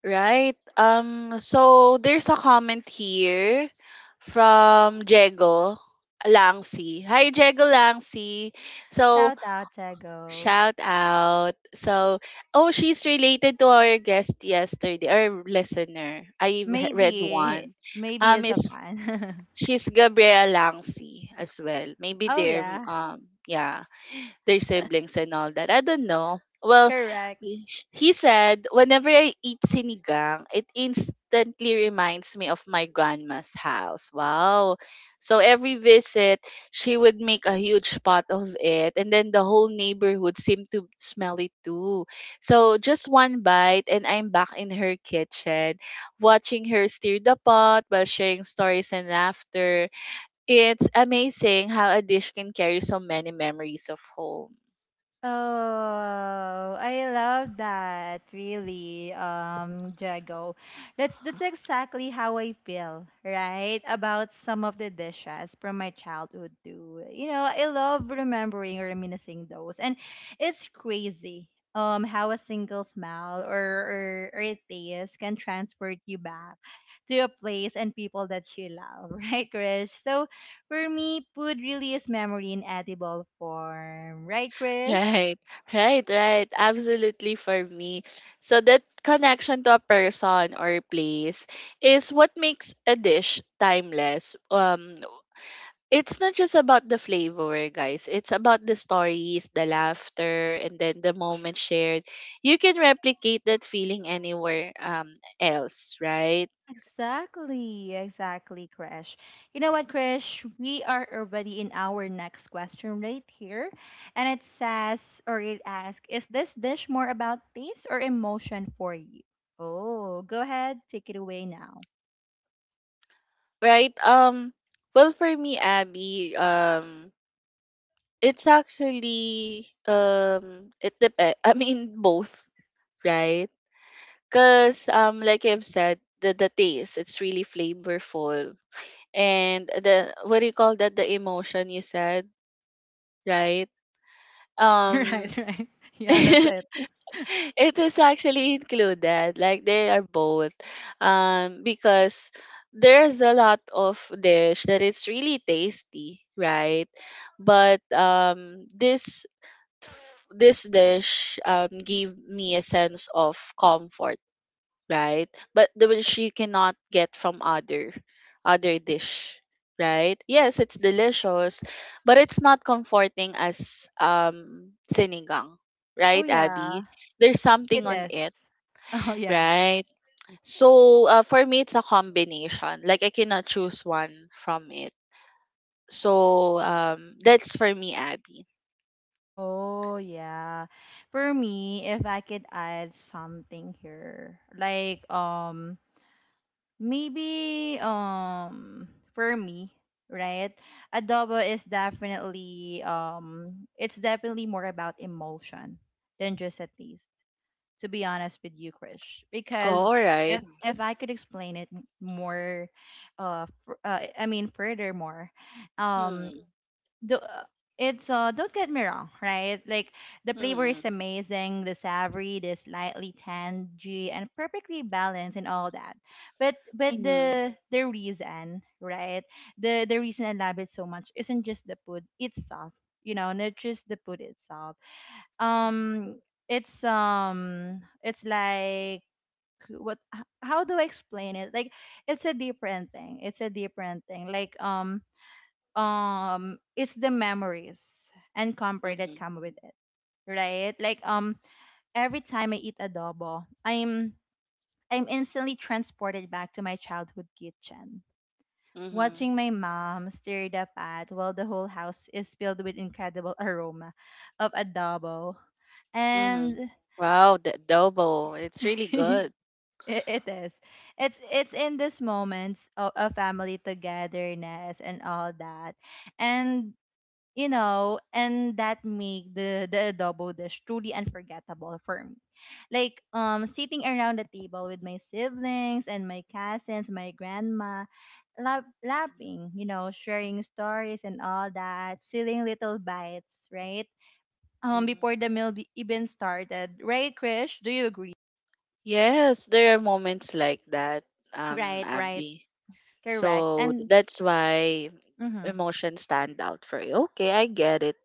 Speaker 2: Right. So there's a comment here from Jego Langsi. Hi, Jego Langsi. So,
Speaker 1: Shout out, Tego.
Speaker 2: shout out. So, oh, she's related to our guest yesterday or listener. I've read
Speaker 1: Maybe
Speaker 2: one.
Speaker 1: maybe it's a
Speaker 2: Is
Speaker 1: fan.
Speaker 2: She's Gabriela Langsi as well. Maybe
Speaker 1: Oh
Speaker 2: they're
Speaker 1: yeah,
Speaker 2: yeah, their siblings and all that. I don't know. Well,
Speaker 1: correct.
Speaker 2: he said whenever I eat sinigang, it instantly reminds me of my grandma's house. Wow. So every visit, she would make a huge pot of it, and then the whole neighborhood seemed to smell it too. So just one bite and I'm back in her kitchen watching her stir the pot while sharing stories and laughter. It's amazing how a dish can carry so many memories of home.
Speaker 1: Oh, I love that. Really, Jago. That's exactly how I feel, right? About some of the dishes from my childhood too. You know, I love remembering or reminiscing those. And it's crazy how a single smell or a taste can transport you back to a place and people that you love, right, Krish? So for me, food really is memory in edible form. Right, Krish?
Speaker 2: Right, right, right. Absolutely for me. So that connection to a person or place is what makes a dish timeless. It's not just about the flavor, guys. It's about the stories, the laughter, and then the moment shared. You can replicate that feeling anywhere else, right?
Speaker 1: Exactly, exactly, Krish. You know what, Krish? We are already in our next question right here. And it says, or it asks, is this dish more about taste or emotion for you? Oh, go ahead, take it away now.
Speaker 2: Right. Well, for me, Abby. It's actually It depends. I mean, both right? Because like I've said, the taste it's really flavorful, and the what do you call that? The emotion you said, right? Um,
Speaker 1: Right, right. Yeah, that's it.
Speaker 2: it is actually included. Like they are both, because there's a lot of dish that it's really tasty, right? But this this dish gave me a sense of comfort right? But the which you cannot get from other other dish, right? Yes, it's delicious, but it's not comforting as sinigang,
Speaker 1: Oh,
Speaker 2: right, Abby?
Speaker 1: yeah,
Speaker 2: There's
Speaker 1: it
Speaker 2: something on
Speaker 1: is.
Speaker 2: it,
Speaker 1: Oh, yeah.
Speaker 2: right? So for me, it's a combination. Like I cannot choose one from it. So that's for me, Abby.
Speaker 1: Oh, yeah. For me, if I could add something here, like maybe for me, right? Adobo is definitely it's definitely more about emotion than just a taste. To be honest with you, Krish,
Speaker 2: Oh, all
Speaker 1: because
Speaker 2: right.
Speaker 1: if I could explain it more, I mean, furthermore, um,
Speaker 2: Mm,
Speaker 1: do, it's don't get me wrong, right? Like the flavor is
Speaker 2: mm,
Speaker 1: amazing, the savory, the slightly tangy and perfectly balanced, and all that. But
Speaker 2: mm-hmm,
Speaker 1: the reason, right, the reason I love it so much isn't just the food itself, you know, not just the food itself. Um it's um it's like, what how do I explain it? Like it's a different thing it's a different thing like It's the memories and comfort that
Speaker 2: mm-hmm,
Speaker 1: come with it, right? Like every time I eat adobo, I'm instantly transported back to my childhood kitchen,
Speaker 2: mm-hmm.
Speaker 1: watching my mom stir the pot while the whole house is filled with incredible aroma of adobo.
Speaker 2: Mhm.
Speaker 1: And
Speaker 2: Wow, the adobo. It's really
Speaker 1: it,
Speaker 2: good.
Speaker 1: it is it's in these moments of family togetherness and all that. And you know, and that make the adobo dish truly unforgettable for me. Like sitting around the table with my siblings and my cousins, my grandma, laughing, you know, sharing stories and all that, stealing little bites, right?
Speaker 2: Mhm.
Speaker 1: Before the meal even started. Right, Krish? Do you agree?
Speaker 2: Yes, there are moments like that,
Speaker 1: Right, right.
Speaker 2: Abby.
Speaker 1: Correct.
Speaker 2: So
Speaker 1: And
Speaker 2: that's why
Speaker 1: mhm.
Speaker 2: emotions stand out for you. Okay, I get it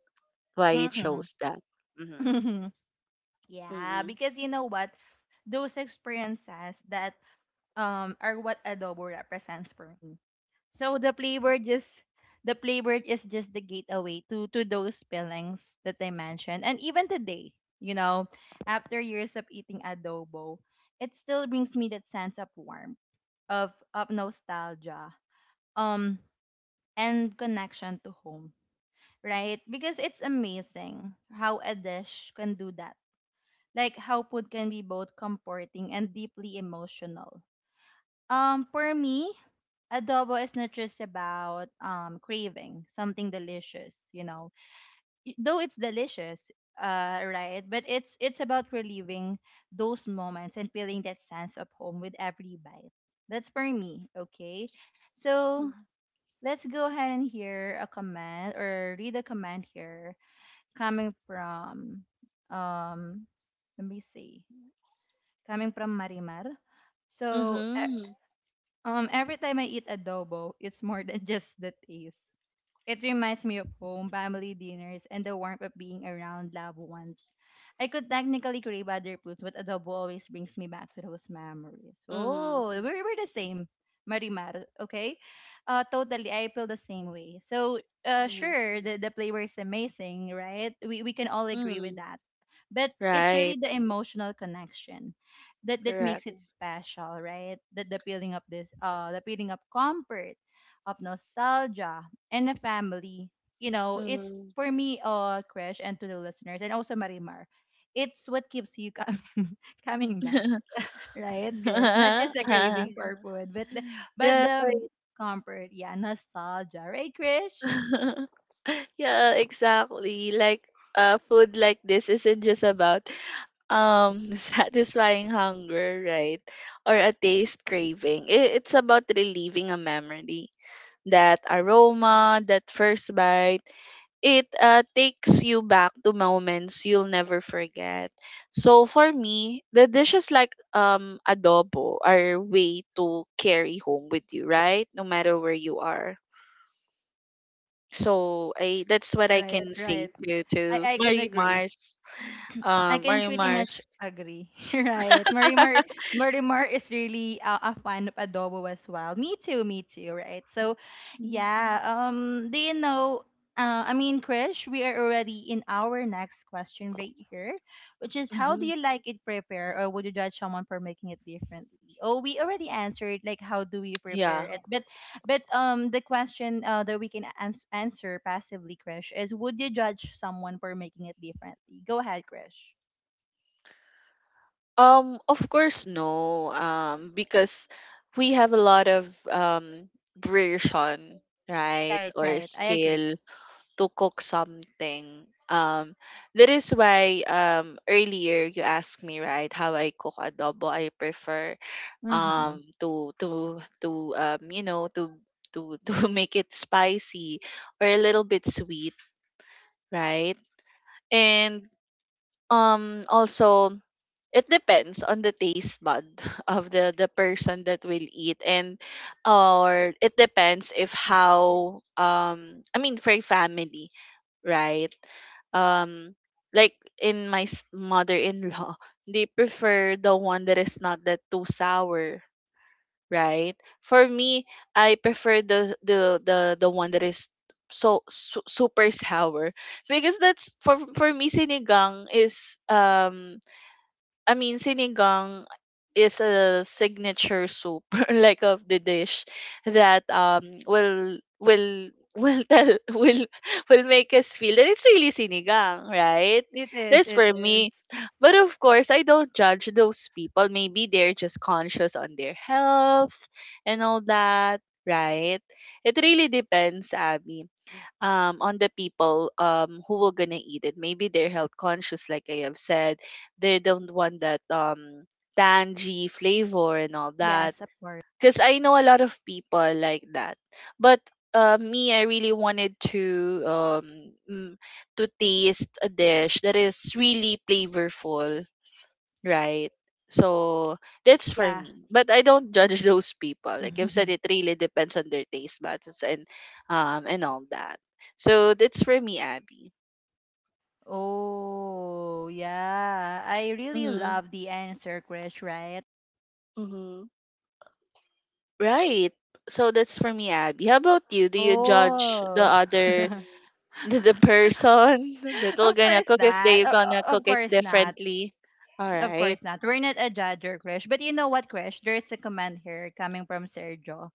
Speaker 2: why you
Speaker 1: Mhm.
Speaker 2: chose that. Mhm.
Speaker 1: Yeah,
Speaker 2: Mhm.
Speaker 1: because you know what? Those experiences that are what adobo represents for me. So the flavor just the flavor is just the gateway to those feelings that I mentioned. And even today, you know, after years of eating adobo, it still brings me that sense of warmth, of nostalgia, um, and connection to home. Right? Because it's amazing how a dish can do that. Like how food can be both comforting and deeply emotional. For me, adobo is not just about craving something delicious, you know. Y- though it's delicious, right, but it's about reliving those moments and feeling that sense of home with every bite. That's for me. Okay, so
Speaker 2: Mhm.
Speaker 1: let's go ahead and hear a comment or read a comment here coming from um let me see, coming from Marimar. So
Speaker 2: Mhm.
Speaker 1: every time I eat adobo, it's more than just the taste. It reminds me of home, family dinners, and the warmth of being around loved ones. I could technically crave other foods, but adobo always brings me back to those memories.
Speaker 2: Mhm.
Speaker 1: Oh, we're the same, Marimar. Okay, totally. I feel the same way. So,
Speaker 2: Mhm.
Speaker 1: sure, the flavor is amazing, right? We can all agree with
Speaker 2: Mhm.
Speaker 1: that. But it's
Speaker 2: Right.
Speaker 1: really the emotional connection that that
Speaker 2: Correct.
Speaker 1: makes it special, right? That the peeling up this the peeling up comfort, of nostalgia and a family. You know, it's
Speaker 2: Mhm.
Speaker 1: for me, Krish, and to the listeners, and also Marimar. It's what keeps you coming coming back, right, Krish? Not just a craving for food, but
Speaker 2: Right.
Speaker 1: the comfort, yeah, nostalgia, right, Krish?
Speaker 2: Yeah, exactly. Like food like this isn't just about satisfying hunger, right? Or a taste craving. I- It's about relieving a memory. That aroma, that first bite, it takes you back to moments you'll never forget. So for me, the dishes like adobo are a way to carry home with you, right? No matter where you are so I that's what I
Speaker 1: Right,
Speaker 2: can say
Speaker 1: right.
Speaker 2: to
Speaker 1: I can
Speaker 2: Mary
Speaker 1: agree.
Speaker 2: Mars.
Speaker 1: I can
Speaker 2: Mary
Speaker 1: pretty much
Speaker 2: Mars.
Speaker 1: agree, right? Marimar, Marimar is really a fan of adobo as well. Me too, right? So,
Speaker 2: Mhm.
Speaker 1: yeah. Do you know? I mean, Krish, we are already in our next question right here, which is how do
Speaker 2: Mhm.
Speaker 1: you like it prepared, or would you judge someone for making it differently? Oh, we already answered like how do we prepare
Speaker 2: Yeah.
Speaker 1: it, but the question that we can answer passively, Krish, is would you judge someone for making it differently? Go ahead, Krish.
Speaker 2: Of course, no. Because we have a lot of version, right,
Speaker 1: Right,
Speaker 2: or
Speaker 1: right. I agree.
Speaker 2: skill to cook something. That is why earlier you asked me, right, how I cook adobo. I prefer
Speaker 1: Mm-hmm.
Speaker 2: to you know to to make it spicy or a little bit sweet right and also it depends on the taste bud of the person that will eat and or it depends if how I mean for a family right um like in my mother-in-law they prefer the one that is not that too sour right? For me, I prefer the one that is so super sour because that's for me sinigang is I mean, sinigang is a signature soup, like of the dish, that will tell will make us feel that it's really sinigang, right?
Speaker 1: It is,
Speaker 2: That's
Speaker 1: it
Speaker 2: for me.
Speaker 1: is.
Speaker 2: But of course, I don't judge those people. Maybe they're just conscious on their health and all that, right? It really depends, Abby on the people who will gonna eat it. Maybe they're health conscious, like I have said. They don't want that tangy flavor and all that.
Speaker 1: Yes, of course.
Speaker 2: Because I know a lot of people like that. But me, I really wanted to to taste a dish that is really flavorful. Right. So that's for
Speaker 1: Yeah.
Speaker 2: me. But I don't judge those people. Like I've said, it really depends on their taste buds and all that. So that's for me, Abby.
Speaker 1: Oh, yeah. I really
Speaker 2: Hmm.
Speaker 1: love the answer, Krish, right?
Speaker 2: Mm-hmm. Right. So that's for me, Abby. How about you? Do you judge the
Speaker 1: Oh.
Speaker 2: other the person that will
Speaker 1: Of
Speaker 2: gonna
Speaker 1: course
Speaker 2: cook if
Speaker 1: not.
Speaker 2: they gonna cook
Speaker 1: Of
Speaker 2: it
Speaker 1: course not.
Speaker 2: differently? All
Speaker 1: Of
Speaker 2: right.
Speaker 1: course not. We're not a judger, Krish. But you know what, Krish? There's a comment here coming from Sergio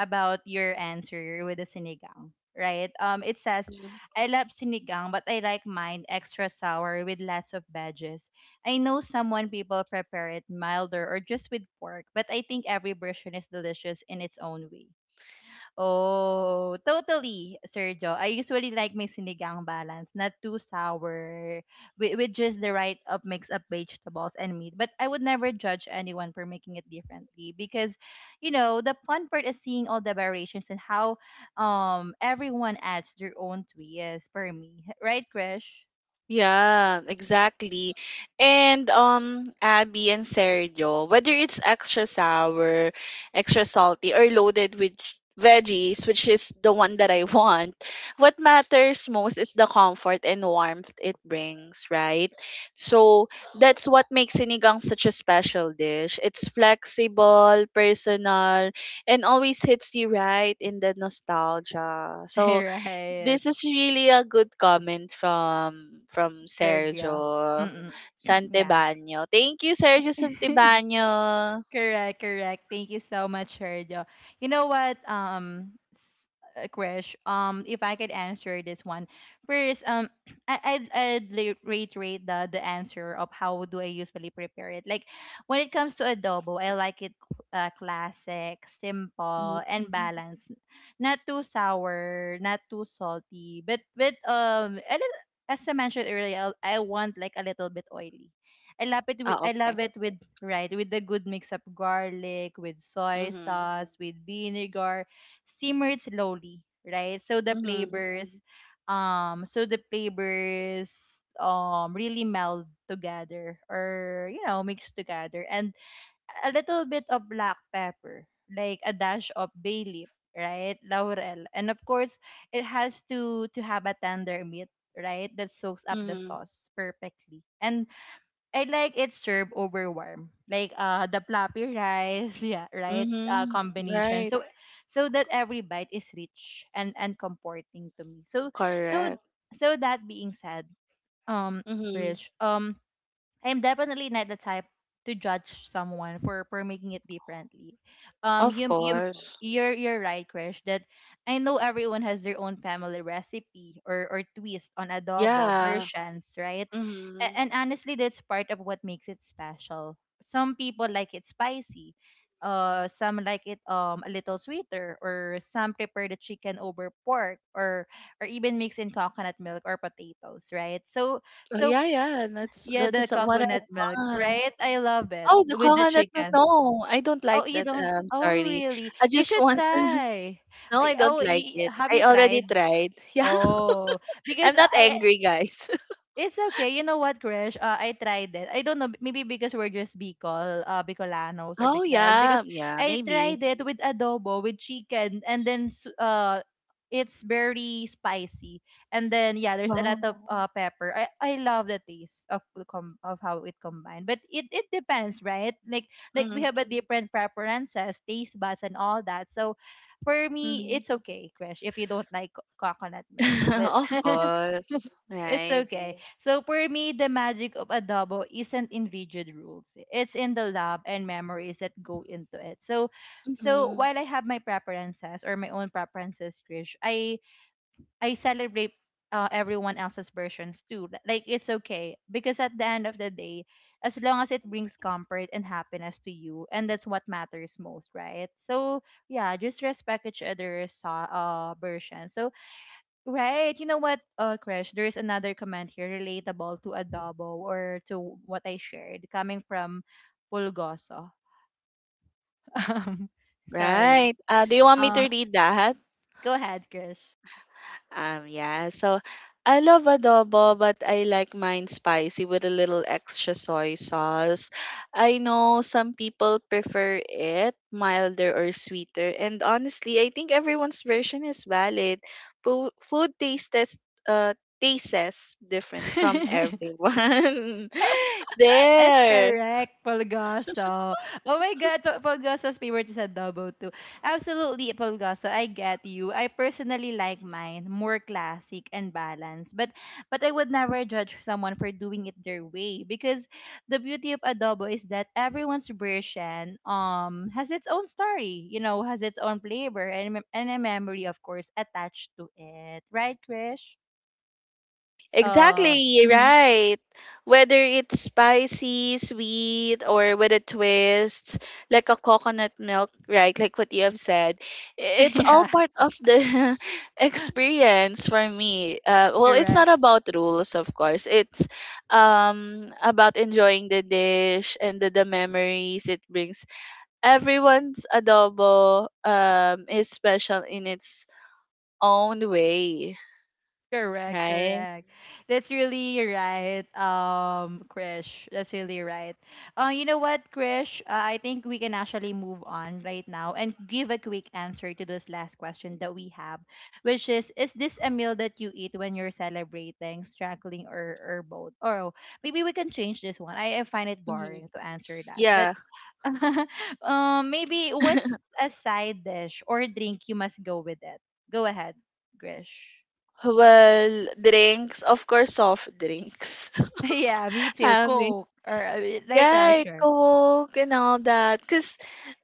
Speaker 1: about your answer with the sinigang, right? It says, I love sinigang, but I like mine extra sour with lots of veggies. I know someone people prepare it milder or just with pork, but I think every version is delicious in its own way. Oh, totally, Sergio. I usually like my sinigang balance, not too sour, with just the right up mix of vegetables and meat. But I would never judge anyone for making it differently because, you know, the fun part is seeing all the variations and how everyone adds their own twist for me. Right, Krish?
Speaker 2: Yeah, exactly. And Abby and Sergio, whether it's extra sour, extra salty, or loaded with veggies, which is the one that I want, what matters most is the comfort and warmth it brings, right? So that's what makes sinigang such a special dish. It's flexible, personal, and always hits you right in the nostalgia. So
Speaker 1: Right,
Speaker 2: this is really a good comment from
Speaker 1: Sergio.
Speaker 2: Sergio
Speaker 1: Mm-mm. Yeah.
Speaker 2: Santibano. Thank you, Sergio Santibano.
Speaker 1: Correct, correct. Thank you so much, Sergio. You know what, Krish, if I could answer this one first, I, I'd reiterate the answer of how do I usually prepare it. Like when it comes to adobo, I like it classic, simple, and
Speaker 2: Mhm.
Speaker 1: balanced. Not too sour, not too salty, but a as I mentioned earlier, I want like a little bit oily. I love it with
Speaker 2: Ah,
Speaker 1: I
Speaker 2: okay.
Speaker 1: love it with right with the good mix of garlic, with soy
Speaker 2: Mm-hmm.
Speaker 1: sauce, with vinegar, simmered slowly, right? So the
Speaker 2: Mm-hmm.
Speaker 1: flavors, um, so the flavors really meld together or you know mix together and a little bit of black pepper, like a dash of bay leaf, right, laurel. And of course it has to have a tender meat, right, that soaks up the
Speaker 2: Mm-hmm.
Speaker 1: sauce perfectly. And I like it served over warm, like the floppy rice, yeah, right,
Speaker 2: Mm-hmm.
Speaker 1: combination.
Speaker 2: Right.
Speaker 1: So, so that every bite is rich and comforting to me. So, so
Speaker 2: Correct.
Speaker 1: so that being said, um,
Speaker 2: Mm-hmm.
Speaker 1: Krish, I'm definitely not the type to judge someone for making it differently. Um,
Speaker 2: Of
Speaker 1: you you
Speaker 2: course.
Speaker 1: you're right, Krish. That I know everyone has their own family recipe or twist on adobo
Speaker 2: Yeah.
Speaker 1: versions, right?
Speaker 2: Mm-hmm.
Speaker 1: And honestly, that's part of what makes it special. Some people like it spicy. Some like it a little sweeter, or some prepare the chicken over pork, or even mix in coconut milk or potatoes, right? So
Speaker 2: Oh,
Speaker 1: so
Speaker 2: yeah, yeah. That's
Speaker 1: yeah,
Speaker 2: that
Speaker 1: the
Speaker 2: is what I
Speaker 1: coconut milk.
Speaker 2: want.
Speaker 1: Right? I love it
Speaker 2: Oh, the
Speaker 1: with the
Speaker 2: coconut milk.
Speaker 1: chicken.
Speaker 2: No, I don't like
Speaker 1: Oh, you
Speaker 2: that.
Speaker 1: don't?
Speaker 2: I'm
Speaker 1: Oh,
Speaker 2: sorry.
Speaker 1: really?
Speaker 2: I
Speaker 1: You
Speaker 2: just
Speaker 1: should
Speaker 2: want.
Speaker 1: try.
Speaker 2: No, I don't like it.
Speaker 1: Have
Speaker 2: I
Speaker 1: you
Speaker 2: already
Speaker 1: tried?
Speaker 2: tried. Yeah.
Speaker 1: Oh,
Speaker 2: I'm
Speaker 1: because
Speaker 2: not
Speaker 1: I
Speaker 2: angry, guys.
Speaker 1: It's okay. You know what, Krish? I tried it. I don't know. Maybe because we're just Bicol, Bicolanos or
Speaker 2: Oh,
Speaker 1: Bicolanas. Because
Speaker 2: yeah. Yeah,
Speaker 1: I
Speaker 2: maybe.
Speaker 1: tried it with adobo, with chicken, and it's very spicy. And then yeah, there's a lot
Speaker 2: Wow.
Speaker 1: of pepper. I love the taste of of how it combined. But it depends, right? Like we
Speaker 2: Mm,
Speaker 1: have a different preferences, taste buds, and all that. So for me,
Speaker 2: mm.
Speaker 1: it's okay, Krish, if you don't like coconut milk. But
Speaker 2: Of course.
Speaker 1: it's
Speaker 2: Right.
Speaker 1: okay. So for me, the magic of adobo isn't in rigid rules. It's in the love and memories that go into it. So, so
Speaker 2: Hmm.
Speaker 1: while I have my preferences or my own preferences, Krish, I celebrate everyone else's versions too. Like it's okay because at the end of the day, as long as it brings comfort and happiness to you, and that's what matters most, right? So yeah, just respect each other's version. So right. You know what, Krish, there is another comment here relatable to adobo or to what I shared coming from Pulgoso. Um, sorry.
Speaker 2: Right. Do you want me
Speaker 1: Uh,
Speaker 2: to read that?
Speaker 1: go ahead, Krish.
Speaker 2: Yeah. So I love adobo, but I like mine spicy with a little extra soy sauce. I know some people prefer it milder or sweeter, and honestly, I think everyone's version is valid. Food tastes uh tastes different from everyone.
Speaker 1: That's
Speaker 2: there.
Speaker 1: correct, Polgoso. Oh my God, Polgoso's favorite is adobo too. Absolutely, Polgoso, I get you. I personally like mine more classic and balanced. But I would never judge someone for doing it their way, because the beauty of adobo is that everyone's version has its own story, you know, has its own flavor and a memory, of course, attached to it. Right, Krish? Uh,
Speaker 2: Exactly,
Speaker 1: mhm.
Speaker 2: right. Whether it's spicy, sweet, or with a twist, like a coconut milk, right? Like what you have said, i- it's all
Speaker 1: Yeah,
Speaker 2: part of the experience for me. Well, it's not
Speaker 1: correct.
Speaker 2: about rules, of course. It's about enjoying the dish and the memories it brings. Everyone's adobo is special in its own way,
Speaker 1: Correct,
Speaker 2: right?
Speaker 1: correct. That's really right, Krish. That's really right. You know what, Krish? I think we can actually move on right now and give a quick answer to this last question that we have, which is: is this a meal that you eat when you're celebrating, struggling, or both? Or maybe we can change this one. I find it
Speaker 2: Hmm.
Speaker 1: boring to answer that, but
Speaker 2: Yeah.
Speaker 1: maybe what's a side dish or drink you must go with it? Go ahead, Krish.
Speaker 2: Well, drinks, of course, soft drinks.
Speaker 1: Yeah, me too.
Speaker 2: I
Speaker 1: Coke or later, I'll
Speaker 2: right,
Speaker 1: share.
Speaker 2: Coke and all that. Cause,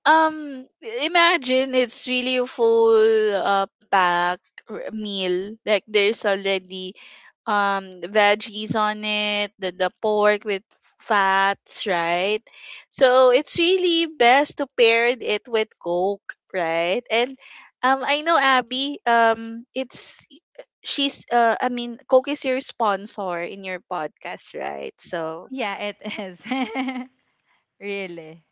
Speaker 2: um, imagine it's really a full pack meal. Like there's already veggies on it, the pork with fats, right? So it's really best to pair it with Coke, right? And I know Abby, it's she's I mean Coke is your sponsor in your podcast, right? So
Speaker 1: Yeah, it is. Really.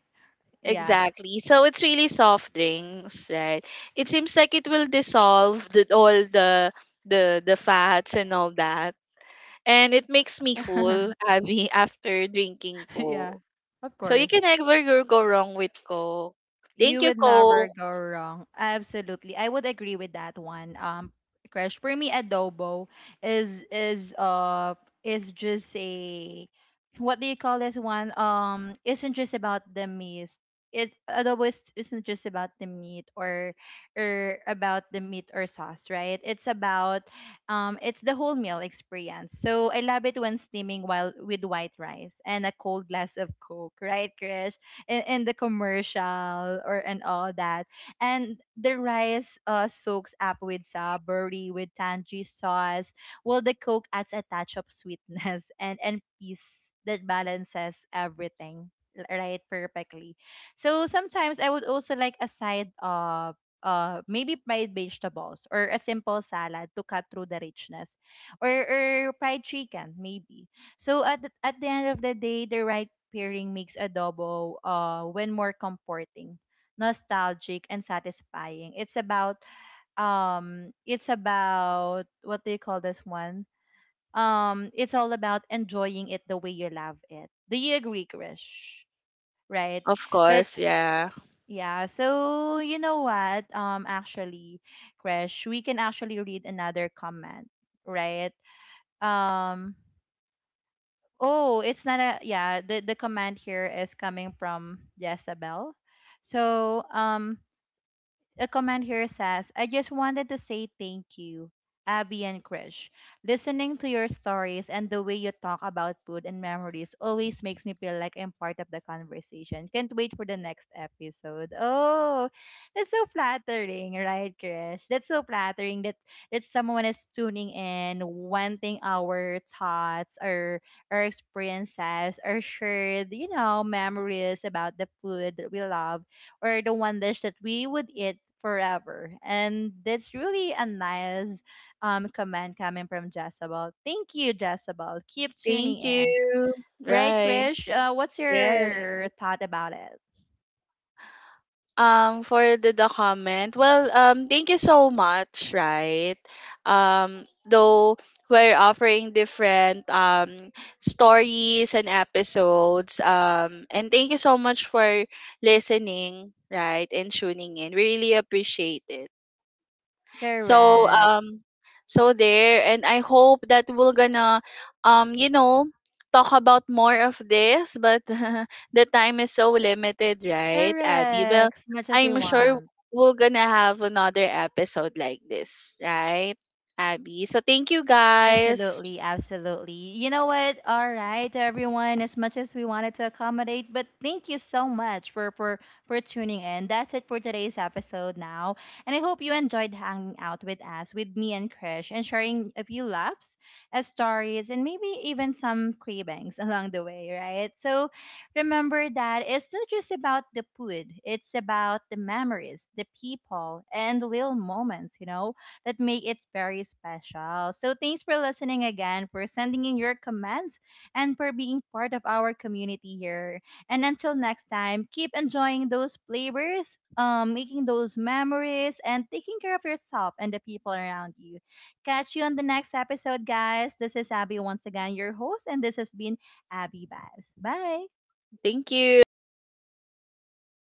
Speaker 1: Yeah.
Speaker 2: exactly. So it's really soft drinks, right? It seems like it will dissolve the, all the fats and all that. And it makes me full, Abby, after drinking
Speaker 1: Yeah.
Speaker 2: Coke.
Speaker 1: Of
Speaker 2: So you can
Speaker 1: course.
Speaker 2: never go wrong with Coke. Thank
Speaker 1: You
Speaker 2: you,
Speaker 1: would never
Speaker 2: Coke.
Speaker 1: go wrong. Absolutely. I would agree with that one. Crash, for me adobo is is uh is just a, what do you call this one? Isn't just about the meat. It Adobo isn't just about the meat or about the meat or sauce, right? It's about, it's the whole meal experience. So I love it when steaming while with white rice and a cold glass of Coke, right, Krish? In the commercial or and all that. And the rice soaks up with saburi, with tangy sauce, while the Coke adds a touch of sweetness and peace that balances everything right perfectly. So sometimes I would also like a side of maybe fried vegetables or a simple salad to cut through the richness, or fried chicken maybe. So at at the end of the day, the right pairing makes adobo when more comforting, nostalgic and satisfying. It's about, it's about, what do you call this one? It's all about enjoying it the way you love it. Do you agree, Krish? Right?
Speaker 2: Of
Speaker 1: But
Speaker 2: course, yeah.
Speaker 1: yeah, so you know what? Actually, Krish, we can actually read another comment, right? Um Oh, it's not a yeah, the command here is coming from Jezebel. So, a comment here says, I just wanted to say thank you, Abby and Krish. Listening to your stories and the way you talk about food and memories always makes me feel like I'm part of the conversation. Can't wait for the next episode. Oh, that's so flattering, right, Krish? That's so flattering that, that someone is tuning in, wanting our thoughts, our experiences, our shared, you know, memories about the food that we love or the one dish that we would eat forever. And that's really a nice comment coming from Jezebel. Thank you, Jezebel. Keep tuning
Speaker 2: Thank
Speaker 1: in.
Speaker 2: you.
Speaker 1: Right,
Speaker 2: Right.
Speaker 1: Krish? What's
Speaker 2: Yes.
Speaker 1: your thought about it?
Speaker 2: For the comment, well, thank you so much, right? Though we're offering different stories and episodes. And thank you so much for listening, right, and tuning in. We really appreciate it. So
Speaker 1: Correct.
Speaker 2: so there and I hope that we're gonna you know talk about more of this but the time is so limited, right, Abby? Well,
Speaker 1: Correct. As much as you
Speaker 2: I'm sure
Speaker 1: want.
Speaker 2: we're gonna have another episode like this, right, Abby? So thank you guys.
Speaker 1: Absolutely, absolutely. You know what? All right, everyone, as much as we wanted to accommodate, but thank you so much for tuning in. That's it for today's episode now. And I hope you enjoyed hanging out with us, with me and Krish, and sharing a few laughs, stories, and maybe even some cravings along the way, right? So remember that it's not just about the food, it's about the memories, the people, and the little moments, you know, that make it very special. So thanks for listening again, for sending in your comments, and for being part of our community here. And until next time, keep enjoying those flavors, making those memories, and taking care of yourself and the people around you. Catch you on the next episode, guys. This is Abby once again, your host, and this has been Abby Vibes. Bye.
Speaker 2: Thank you. Bye.